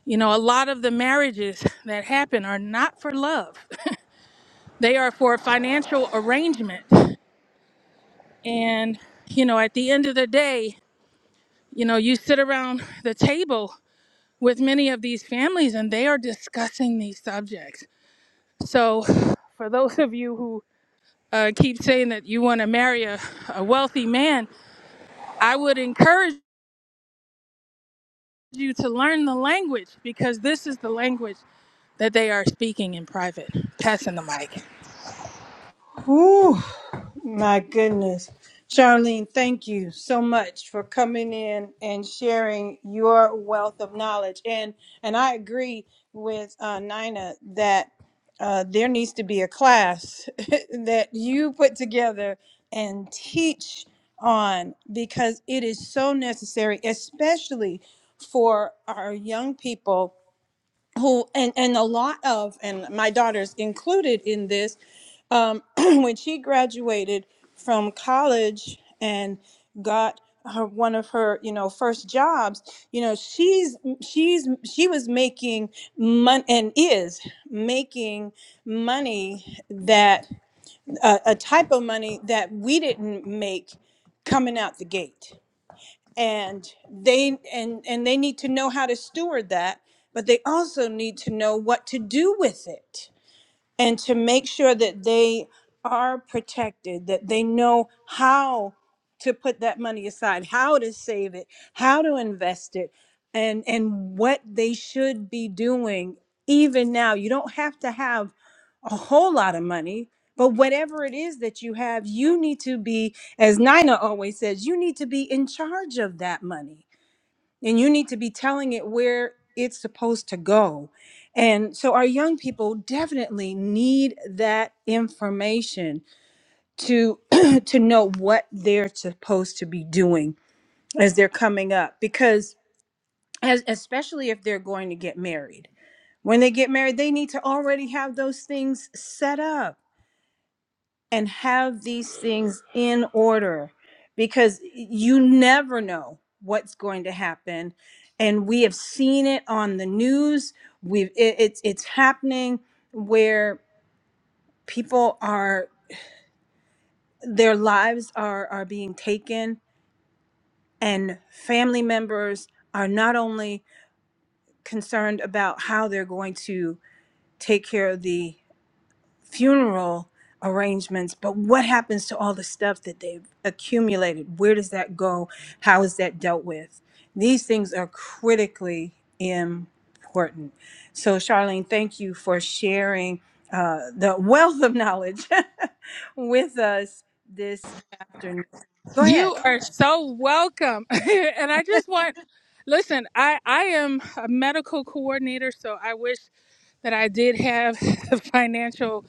Speaker 3: You know, a lot of the marriages that happen are not for love, they are for financial arrangement. And, you know, at the end of the day, you know, you sit around the table with many of these families and they are discussing these subjects. So, for those of you who uh, keep saying that you want to marry a, a wealthy man, I would encourage you to learn the language because this is the language that they are speaking in private. Passing the mic.
Speaker 1: Whew. My goodness. Charlene, thank you so much for coming in and sharing your wealth of knowledge. And and I agree with uh, Nina that uh, there needs to be a class that you put together and teach on because it is so necessary, especially for our young people who and and a lot of and my daughter's included in this um, when she graduated from college and got her one of her you know first jobs you know she's she's she was making money and is making money that uh, a a type of money that we didn't make coming out the gate and they and and they need to know how to steward that but they also need to know what to do with it and to make sure that they are protected that they know how to put that money aside how to save it how to invest it and and what they should be doing even now you don't have to have a whole lot of money. But whatever it is that you have, you need to be, as Nina always says, you need to be in charge of that money and you need to be telling it where it's supposed to go. And so our young people definitely need that information to to know what they're supposed to be doing as they're coming up because as, especially if they're going to get married. When they get married, they need to already have those things set up and have these things in order because you never know what's going to happen and we have seen it on the news we've it, it's it's happening where people are their lives are are being taken and family members are not only concerned about how they're going to take care of the funeral arrangements, but what happens to all the stuff that they've accumulated? Where does that go? How is that dealt with? These things are critically important. So, Charlene, thank you for sharing uh, the wealth of knowledge with us this afternoon. Go ahead.
Speaker 3: You are so welcome. and I just want listen, I I am a medical coordinator, so I wish that I did have the financial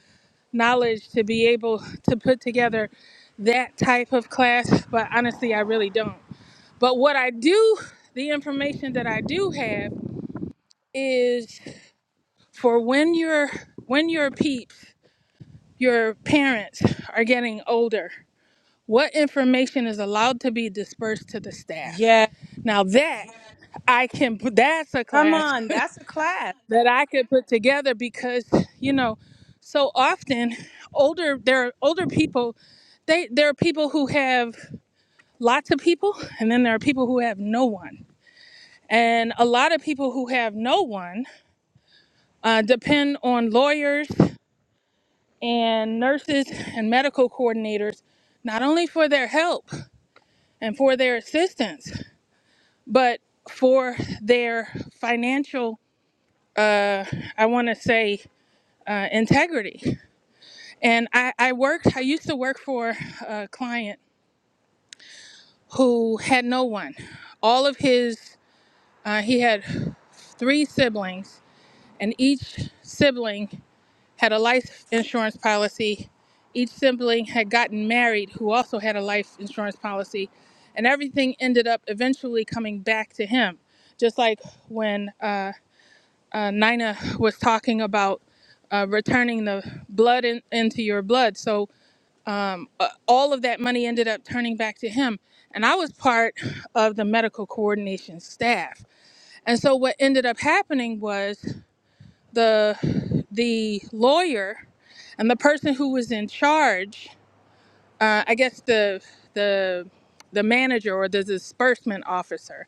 Speaker 3: knowledge to be able to put together that type of class, but honestly, I really don't. But what I do, the information that I do have is for when your when your peeps your parents are getting older what information is allowed to be dispersed to the staff
Speaker 1: Yeah,
Speaker 3: now that i can put that's a
Speaker 1: come
Speaker 3: class
Speaker 1: on. That's a class.
Speaker 3: that i could put together because you know so often older there are older people they there are people who have lots of people and then there are people who have no one and a lot of people who have no one uh, depend on lawyers and nurses and medical coordinators, not only for their help and for their assistance, but for their financial, uh, I want to say, uh, integrity. And I, I worked, I used to work for a client who had no one. All of his, uh, he had three siblings, and each sibling had a life insurance policy. Each sibling had gotten married, who also had a life insurance policy. And everything ended up eventually coming back to him. Just like when uh, uh, Nina was talking about uh, returning the blood in, into your blood. So uh, all of that money ended up turning back to him. And I was part of the medical coordination staff. And so what ended up happening was the the lawyer and the person who was in charge uh, i guess the the the manager or the disbursement officer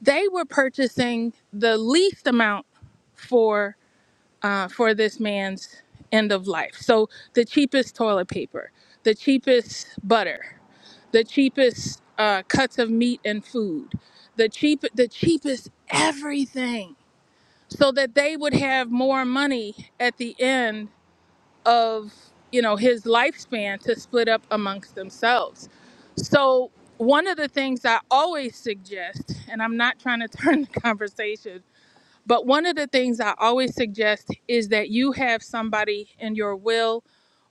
Speaker 3: they were purchasing the least amount for uh, for this man's end of life so the cheapest toilet paper the cheapest butter the cheapest uh, cuts of meat and food the cheap the cheapest everything so that they would have more money at the end of you know his lifespan to split up amongst themselves so one of the things i always suggest and i'm not trying to turn the conversation but one of the things i always suggest is that you have somebody in your will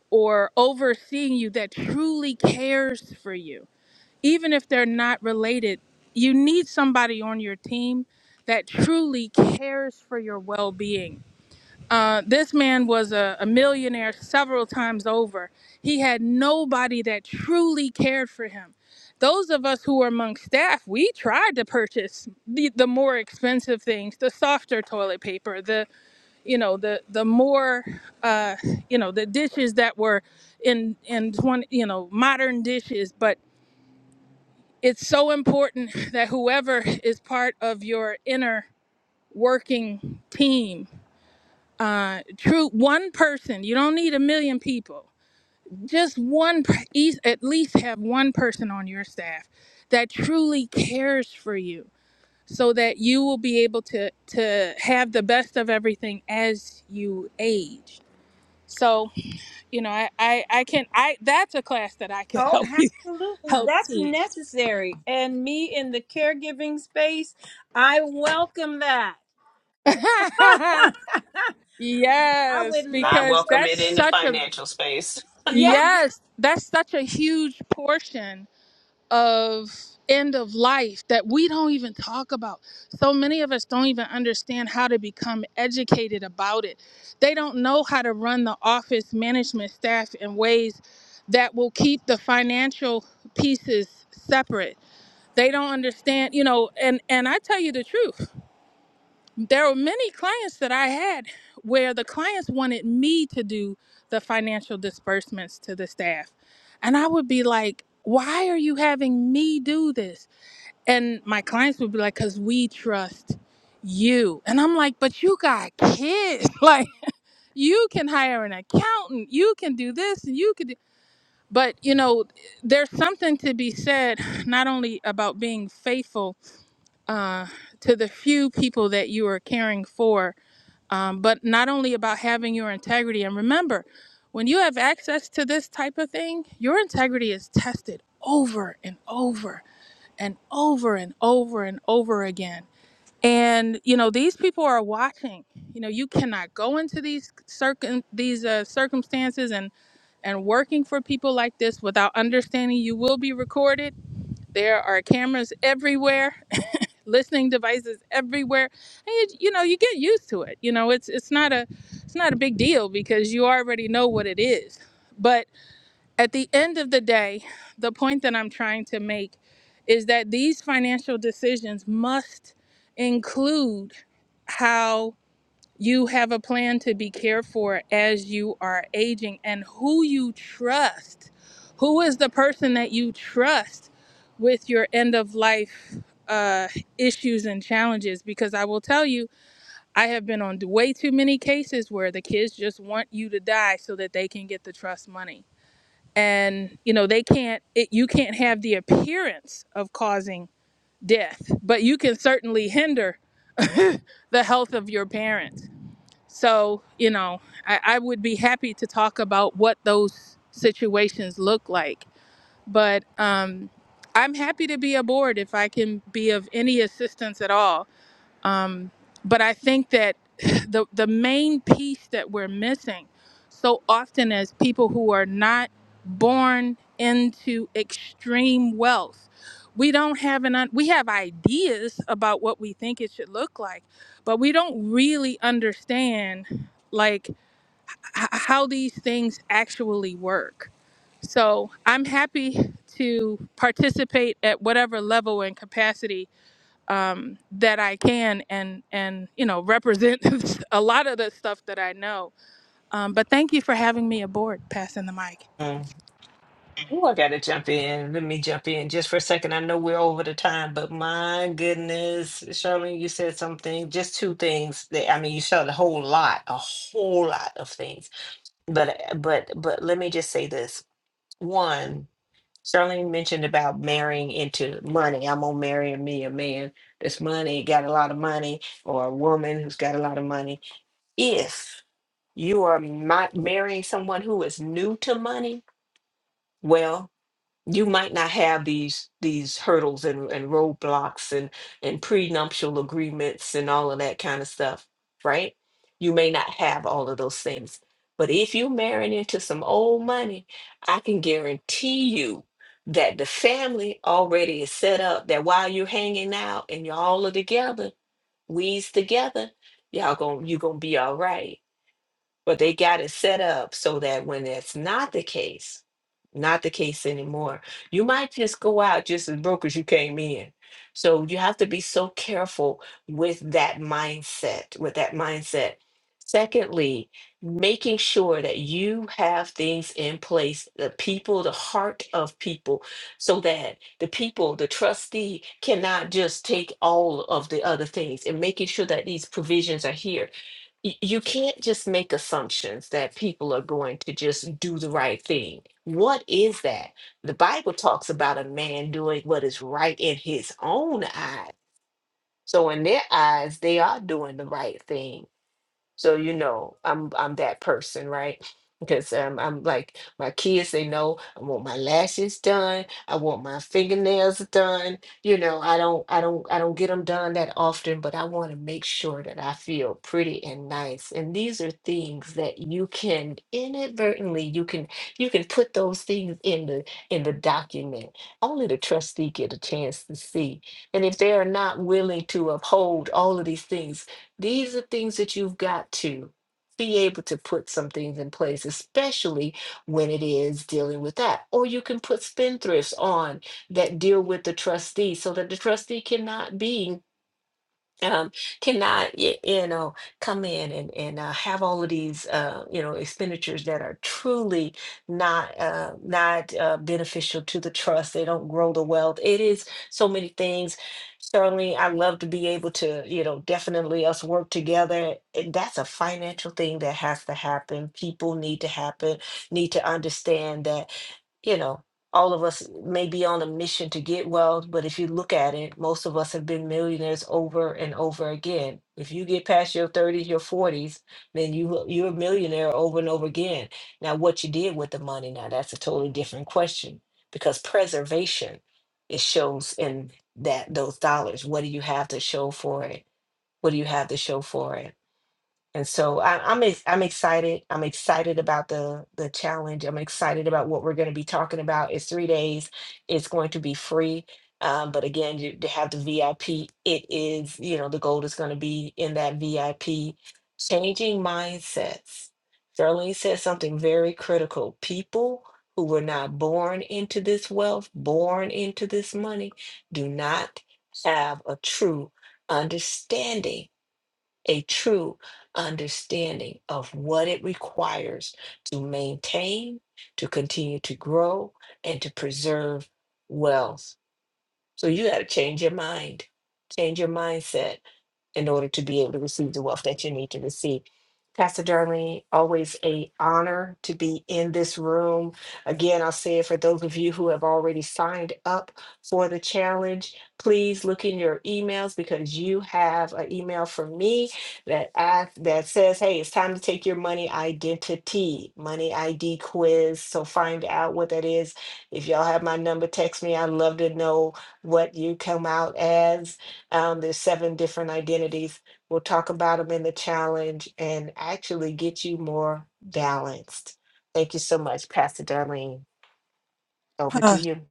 Speaker 3: or overseeing you that truly cares for you even if they're not related you need somebody on your team that truly cares for your well-being uh, this man was a, a millionaire several times over. He had nobody that truly cared for him. Those of us who were among staff, we tried to purchase the, the more expensive things, the softer toilet paper, the you know the the more uh, you know the dishes that were in in 20, you know modern dishes. But it's so important that whoever is part of your inner working team uh true one person you don't need a million people just one per- eas- at least have one person on your staff that truly cares for you so that you will be able to to have the best of everything as you age so you know i i, I can i that's a class that i could
Speaker 1: Oh,
Speaker 3: help you
Speaker 1: absolutely.
Speaker 3: help
Speaker 1: That's
Speaker 3: teach
Speaker 1: necessary. And me in the caregiving space, I welcome that. I would
Speaker 3: yes
Speaker 2: I
Speaker 1: love
Speaker 3: because
Speaker 1: for
Speaker 2: welcome it
Speaker 3: that's
Speaker 2: in the
Speaker 3: such a
Speaker 2: financial space.
Speaker 1: yeah.
Speaker 3: yes that's such a huge portion of end of life that we don't even talk about. So many of us don't even understand how to become educated about it. They don't know how to run the office management staff in ways that will keep the financial pieces separate. They don't understand, you know, and and I tell you the truth there were many clients that I had where the clients wanted me to do the financial disbursements to the staff. And I would be like, why are you having me do this? And my clients would be like, because we trust you. And I'm like, but you got kids. Like, you can hire an accountant, you can do this, and you can do. But, you know, there's something to be said not only about being faithful uh, to the few people that you are caring for, um, but not only about having your integrity. And remember, when you have access to this type of thing, your integrity is tested over and over and over and over and over again. And you know these people are watching. You know you cannot go into these circum these uh, circumstances and and working for people like this without understanding you will be recorded. There are cameras everywhere listening devices everywhere and you, you know you get used to it you know it's it's not a it's not a big deal because you already know what it is but at the end of the day the point that i'm trying to make is that these financial decisions must include how you have a plan to be cared for as you are aging and who you trust. Who is the person that you trust with your end of life uh, issues and challenges? Because I will tell you, I have been on way too many cases where the kids just want you to die so that they can get the trust money. And, you know, they can't, it, you can't have the appearance of causing death, but you can certainly hinder the health of your parents so, you know, I, I would be happy to talk about what those situations look like. But um, I'm happy to be aboard if I can be of any assistance at all. Um, but I think that the the main piece that we're missing so often as people who are not born into extreme wealth, we don't have an un- we have ideas about what we think it should look like, but we don't really understand like h- how these things actually work. So I'm happy to participate at whatever level and capacity um, that I can and and you know represent a lot of the stuff that I know. Um, but thank you for having me aboard. Passing the mic.
Speaker 2: Mm. Ooh, I gotta jump in. Let me jump in just for a second. I know we're over the time, but my goodness, Charlene, you said something, just two things that I mean, you said a whole lot, a whole lot of things. But but but let me just say this. One, Charlene mentioned about marrying into money. I'm gonna marry me a man that's money, got a lot of money, or a woman who's got a lot of money. If you are not marrying someone who is new to money, well, you might not have these these hurdles and, and roadblocks and and prenuptial agreements and all of that kind of stuff right you may not have all of those things but if you marry into some old money i can guarantee you that the family already is set up that while you're hanging out and y'all are together we's together y'all gonna you gonna be all right but they got it set up so that when that's not the case, not the case anymore, you might just go out just as broke as you came in. So you have to be so careful with that mindset, with that mindset. Secondly, making sure that you have things in place, the people, the heart of people, so that the people, the trustee cannot just take all of the other things and making sure that these provisions are here y- you can't just make assumptions that people are going to just do the right thing. What is that? The Bible talks about a man doing what is right in his own eyes. So in their eyes, they are doing the right thing so you know i'm i'm that person right because um, i'm like my kids they know i want my lashes done i want my fingernails done you know i don't i don't i don't get them done that often but i want to make sure that i feel pretty and nice and these are things that you can inadvertently you can you can put those things in the in the document only the trustee get a chance to see and if they are not willing to uphold all of these things these are things that you've got to be able to put some things in place, especially when it is dealing with that. Or you can put spendthrifts on that deal with the trustee so that the trustee cannot be um, cannot y- you know come in and and uh, have all of these uh, you know expenditures that are truly not uh, not uh, beneficial to the trust. They don't grow the wealth. It is so many things. Certainly, I love to be able to you know definitely us work together. And That's a financial thing that has to happen. People need to happen need to understand that you know, all of us may be on a mission to get wealth, but if you look at it, most of us have been millionaires over and over again. If you get past your 30s, your 40s, then you you're a millionaire over and over again. Now, what you did with the money, now that's a totally different question because preservation it shows in that those dollars. What do you have to show for it? What do you have to show for it? And so I, I'm ex- I'm excited. I'm excited about the the challenge. I'm excited about what we're going to be talking about. It's three days. It's going to be free. Um, but again, you, to have the VIP, it is you know the gold is going to be in that VIP. Changing mindsets. Charlene said something very critical. People who were not born into this wealth, born into this money, do not have a true understanding a true understanding of what it requires to maintain, to continue to grow, and to preserve wealth so you got to change your mind, change your mindset in order to be able to receive the wealth that you need to receive. Pastor Darlene, always a honor to be in this room. Again, I'll say it for those of you who have already signed up for the challenge, please look in your emails because you have an email from me that asks, that says, "Hey, it's time to take your money identity, money ID quiz." So find out what that is. If y'all have my number, text me. I'd love to know what you come out as. Um, there's seven different identities. We'll talk about them in the challenge and actually get you more balanced. Thank you so much, Pastor Darlene. Over to
Speaker 1: Uh,
Speaker 2: you.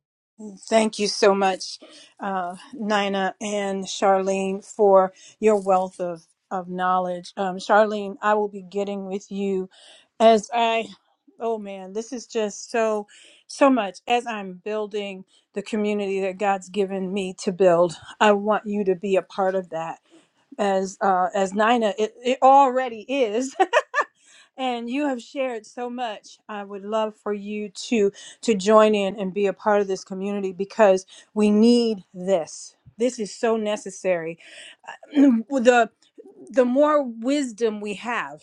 Speaker 1: thank you so much, uh, Nina and Charlene, for your wealth of, of knowledge. Um, Charlene, I will be getting with you as I, oh man, this is just so, so much. As I'm building the community that God's given me to build, I want you to be a part of that. As uh, as Nina, it, it already is, and you have shared so much i would love for you to to join in and be a part of this community because we need this this is so necessary the the more wisdom we have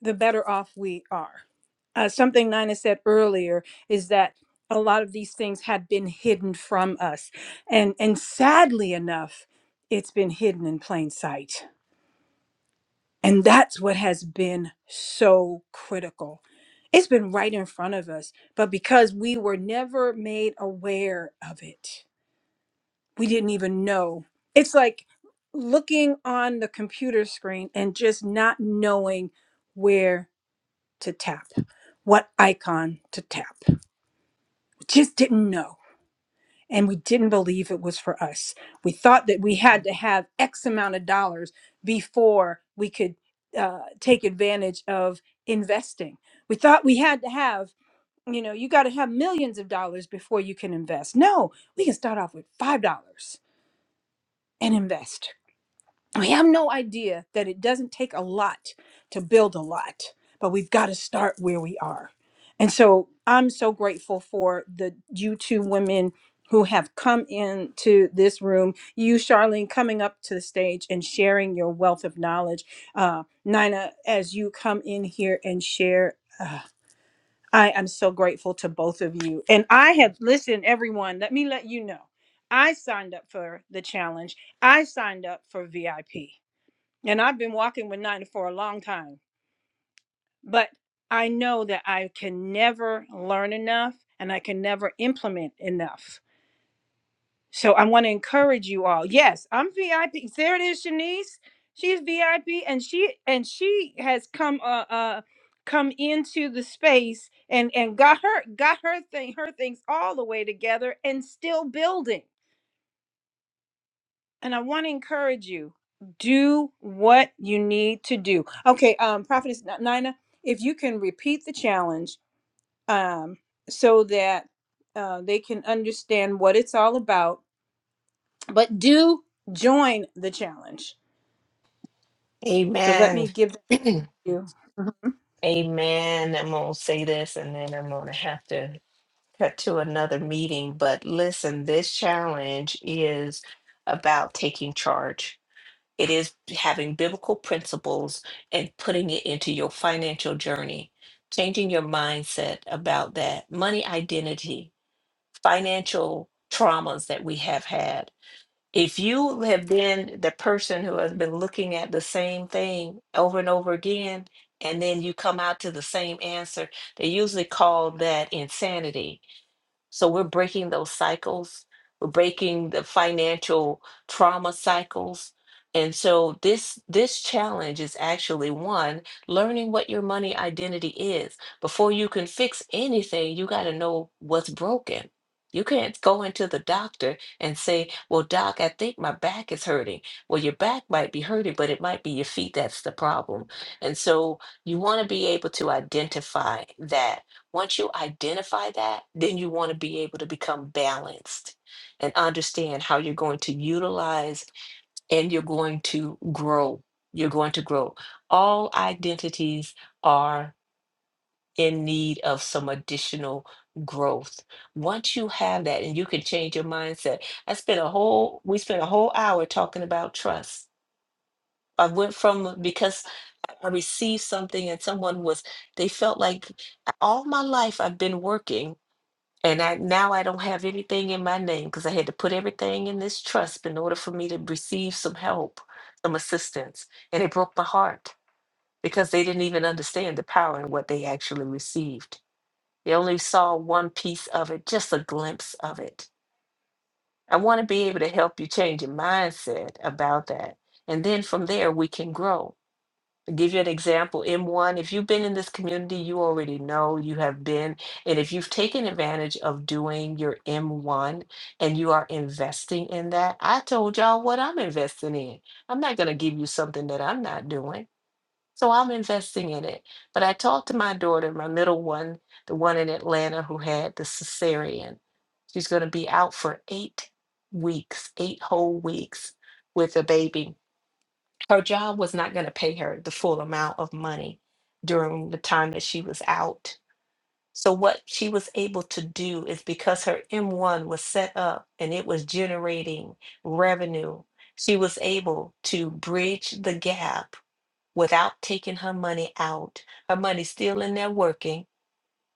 Speaker 1: the better off we are uh, something nina said earlier is that a lot of these things had been hidden from us and and sadly enough it's been hidden in plain sight And that's what has been so critical. It's been right in front of us, but because we were never made aware of it, we didn't even know. It's like looking on the computer screen and just not knowing where to tap, what icon to tap. Just didn't know. and we didn't believe it was for us. We thought that we had to have X amount of dollars before we could uh, take advantage of investing. We thought we had to have, you know, you got to have millions of dollars before you can invest. No, we can start off with $5 and invest we have no idea that it doesn't take a lot to build a lot, but we've got to start where we are. And so I'm so grateful for the you two women who have come into this room. You, Charlene, coming up to the stage and sharing your wealth of knowledge. Uh, Nina, as you come in here and share, uh, I am so grateful to both of you. And I have listened, everyone, let me let you know. I signed up for the challenge. I signed up for VIP. And I've been walking with Nina for a long time, but I know that I can never learn enough and I can never implement enough. So I want to encourage you all. Yes, I'm VIP. There it is, Shanice. She's VIP, and she and she has come uh, uh come into the space and and got her got her thing her things all the way together and still building. and I want to encourage you. Do what you need to do. Okay, um, Prophetess Nina, if you can repeat the challenge, um, so that uh, they can understand what it's all about, but do join the challenge. So let
Speaker 2: Amen.
Speaker 1: me give them to you. Mhm.
Speaker 2: Amen. I'm going to say this and then I'm going to have to cut to another meeting. But listen, this challenge is about taking charge It is having biblical principles and putting it into your financial journey, changing your mindset about that money identity, financial traumas that we have had. If you have been the person who has been looking at the same thing over and over again, and then you come out to the same answer, they usually call that insanity so we're breaking those cycles. We're breaking the financial trauma cycles. And so this this challenge is actually one learning what your money identity is. Before you can fix anything, you got to know what's broken. You can't go into the doctor and say, "Well, doc, I think my back is hurting." Well, your back might be hurting, but it might be your feet that's the problem. And so you want to be able to identify that once you identify that, then you want to be able to become balanced and understand how you're going to utilize and you're going to grow. You're going to grow. All identities are in need of some additional growth. Once you have that and you can change your mindset. I spent a whole we spent a whole hour talking about trust. I went from because I received something and someone was they felt like all my life I've been working and I now I don't have anything in my name because I had to put everything in this trust in order for me to receive some help, some assistance. And it broke my heart because they didn't even understand the power and what they actually received. They only saw one piece of it, just a glimpse of it. I want to be able to help you change your mindset about that. And then from there we can grow give you an example m1 if you've been in this community you already know you have been and if you've taken advantage of doing your m1 and you are investing in that i told y'all what i'm investing in i'm not going to give you something that i'm not doing so i'm investing in it but i talked to my daughter my middle one the one in atlanta who had the cesarean she's going to be out for eight weeks eight whole weeks with a baby her job was not going to pay her the full amount of money during the time that she was out. So, what she was able to do is because her M1 was set up and it was generating revenue, she was able to bridge the gap without taking her money out. Her money's still in there working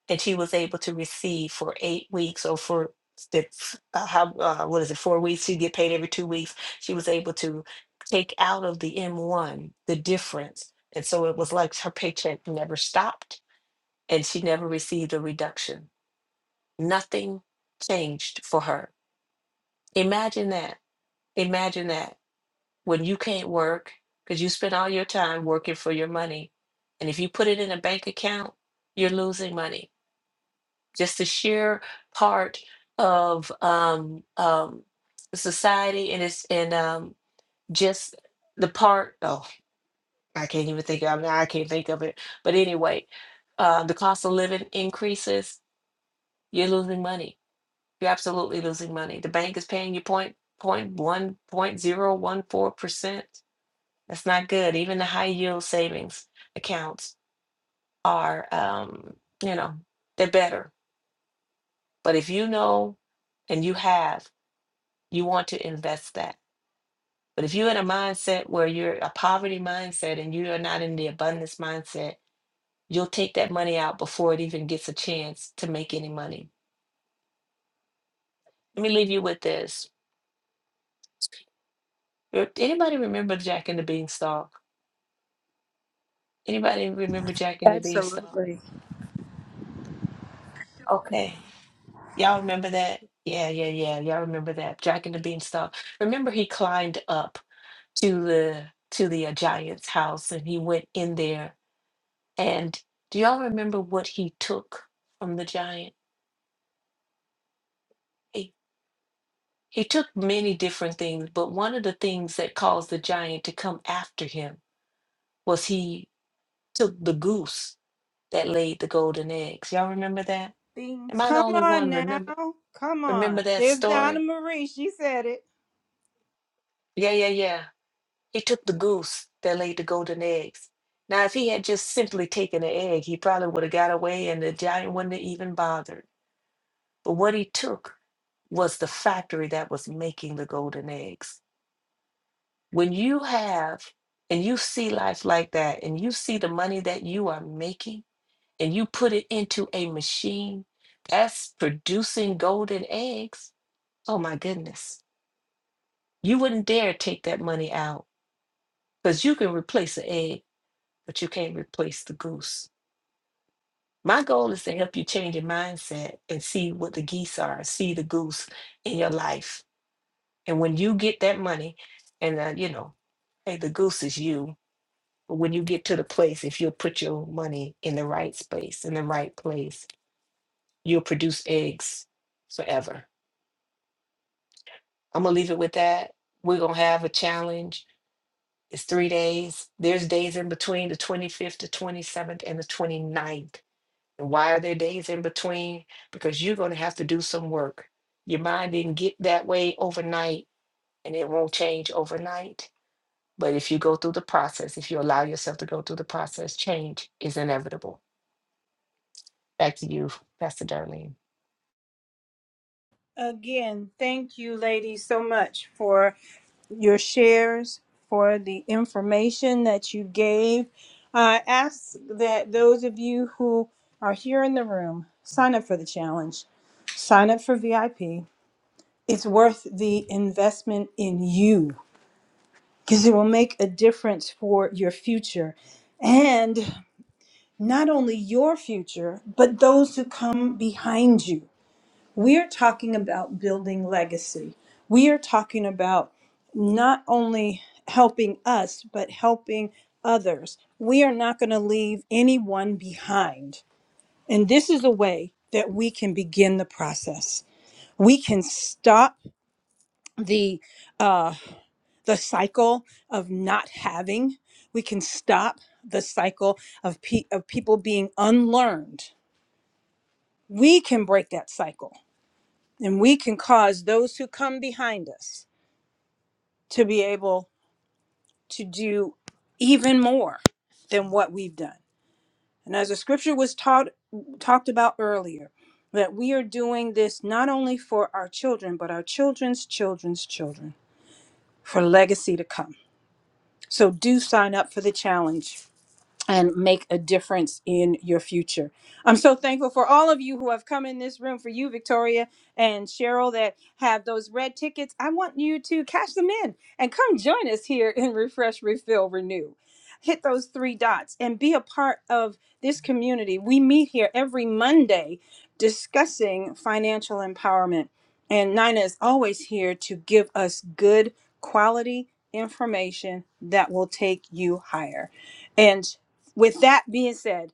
Speaker 2: that she was able to receive for eight weeks or for the uh, how uh, what is it four weeks she get paid every two weeks she was able to take out of the m1 the difference and so it was like her paycheck never stopped and she never received a reduction nothing changed for her imagine that imagine that when you can't work because you spend all your time working for your money and if you put it in a bank account you're losing money just the sheer part of um, um, society and it's and um, just the part. Oh, I can't even think. of I mean, I can't think of it. But anyway, uh, the cost of living increases. You're losing money. You're absolutely losing money. The bank is paying you point point one point zero one four percent. That's not good. Even the high yield savings accounts are, um, you know, they're better. But if you know and you have you want to invest that. But if you're in a mindset where you're a poverty mindset and you are not in the abundance mindset, you'll take that money out before it even gets a chance to make any money. Let me leave you with this. Re- Anybody remember Jack and the Beanstalk? Anybody remember Jack and the Beanstalk?
Speaker 3: Absolutely.
Speaker 2: Okay. Y'all remember that? Yeah, yeah, yeah. Y'all remember that. Jack and the Beanstalk. Remember he climbed up to the to the uh, giant's house and he went in there And do y'all remember what he took from the giant? He, he took many different things, but one of the things that caused the giant to come after him was he took the goose that laid the golden eggs. Y'all remember that?
Speaker 1: Things.
Speaker 2: Am I the
Speaker 1: Come
Speaker 2: only
Speaker 1: on
Speaker 2: one remember
Speaker 1: now, come on.
Speaker 2: remember that
Speaker 1: There's Donna
Speaker 2: story?
Speaker 1: Marie. She said it
Speaker 2: Yeah, yeah, yeah. He took the goose that laid the golden eggs. Now, if he had just simply taken the egg, he probably would have got away and the giant wouldn't have even bothered. But what he took was the factory that was making the golden eggs. When you have and you see life like that, and you see the money that you are making, and you put it into a machine that's producing golden eggs, oh my goodness. You wouldn't dare take that money out because you can replace an egg, but you can't replace the goose. My goal is to help you change your mindset and see what the geese are, see the goose in your life And when you get that money, and uh, you know, hey, the goose is you. But when you get to the place, if you'll put your money in the right space, in the right place, you'll produce eggs forever. I'm gonna leave it with that. We're gonna have a challenge. It's three days. There's days in between the 25th, the 27th, and the 29th. And why are there days in between? Because you're gonna have to do some work. Your mind didn't get that way overnight, and it won't change overnight But if you go through the process, if you allow yourself to go through the process, change is inevitable. Back to you, Pastor Darlene.
Speaker 1: again. Thank you, ladies, so much for your shares, for the information that you gave. I ask that those of you who are here in the room sign up for the challenge, sign up for VIP. It's worth the investment in you because it will make a difference for your future and not only your future, but those who come behind you. We are talking about building legacy. We are talking about not only helping us, but helping others. We are not going to leave anyone behind. And this is a way that we can begin the process. We can stop the uh, the cycle of not having. We can stop the cycle of, pe- of people being unlearned. We can break that cycle And we can cause those who come behind us to be able to do even more than what we've done. And as the scripture was taught talked about earlier, that we are doing this not only for our children, but our children's children's children for legacy to come. So do sign up for the challenge and make a difference in your future. I'm so thankful for all of you who have come in this room, for you, Victoria and Cheryl, that have those red tickets. I want you to cash them in and come join us here in Refresh, Refill, Renew. Hit those three dots and be a part of this community. We meet here every Monday discussing financial empowerment. And Nina is always here to give us good quality information that will take you higher. With that being said,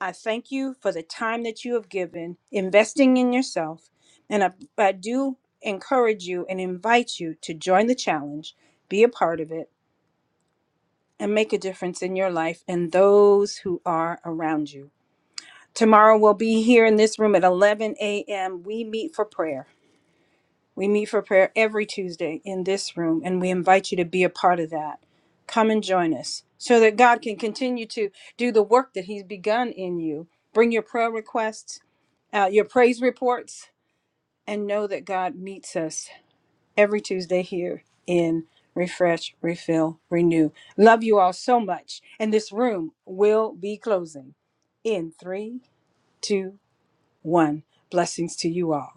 Speaker 1: I thank you for the time that you have given investing in yourself. And I, I do encourage you and invite you to join the challenge, be a part of it, and make a difference in your life and those who are around you. Tomorrow we'll be here in this room at 11 a.m. We meet for prayer. We meet for prayer every Tuesday in this room, and we invite you to be a part of that. Come and join us so that God can continue to do the work that He's begun in you. Bring your prayer requests, uh, your praise reports, and know that God meets us every Tuesday here in Refresh, Refill, Renew. Love you all so much. And this room will be closing in three, two, one. Blessings to you all.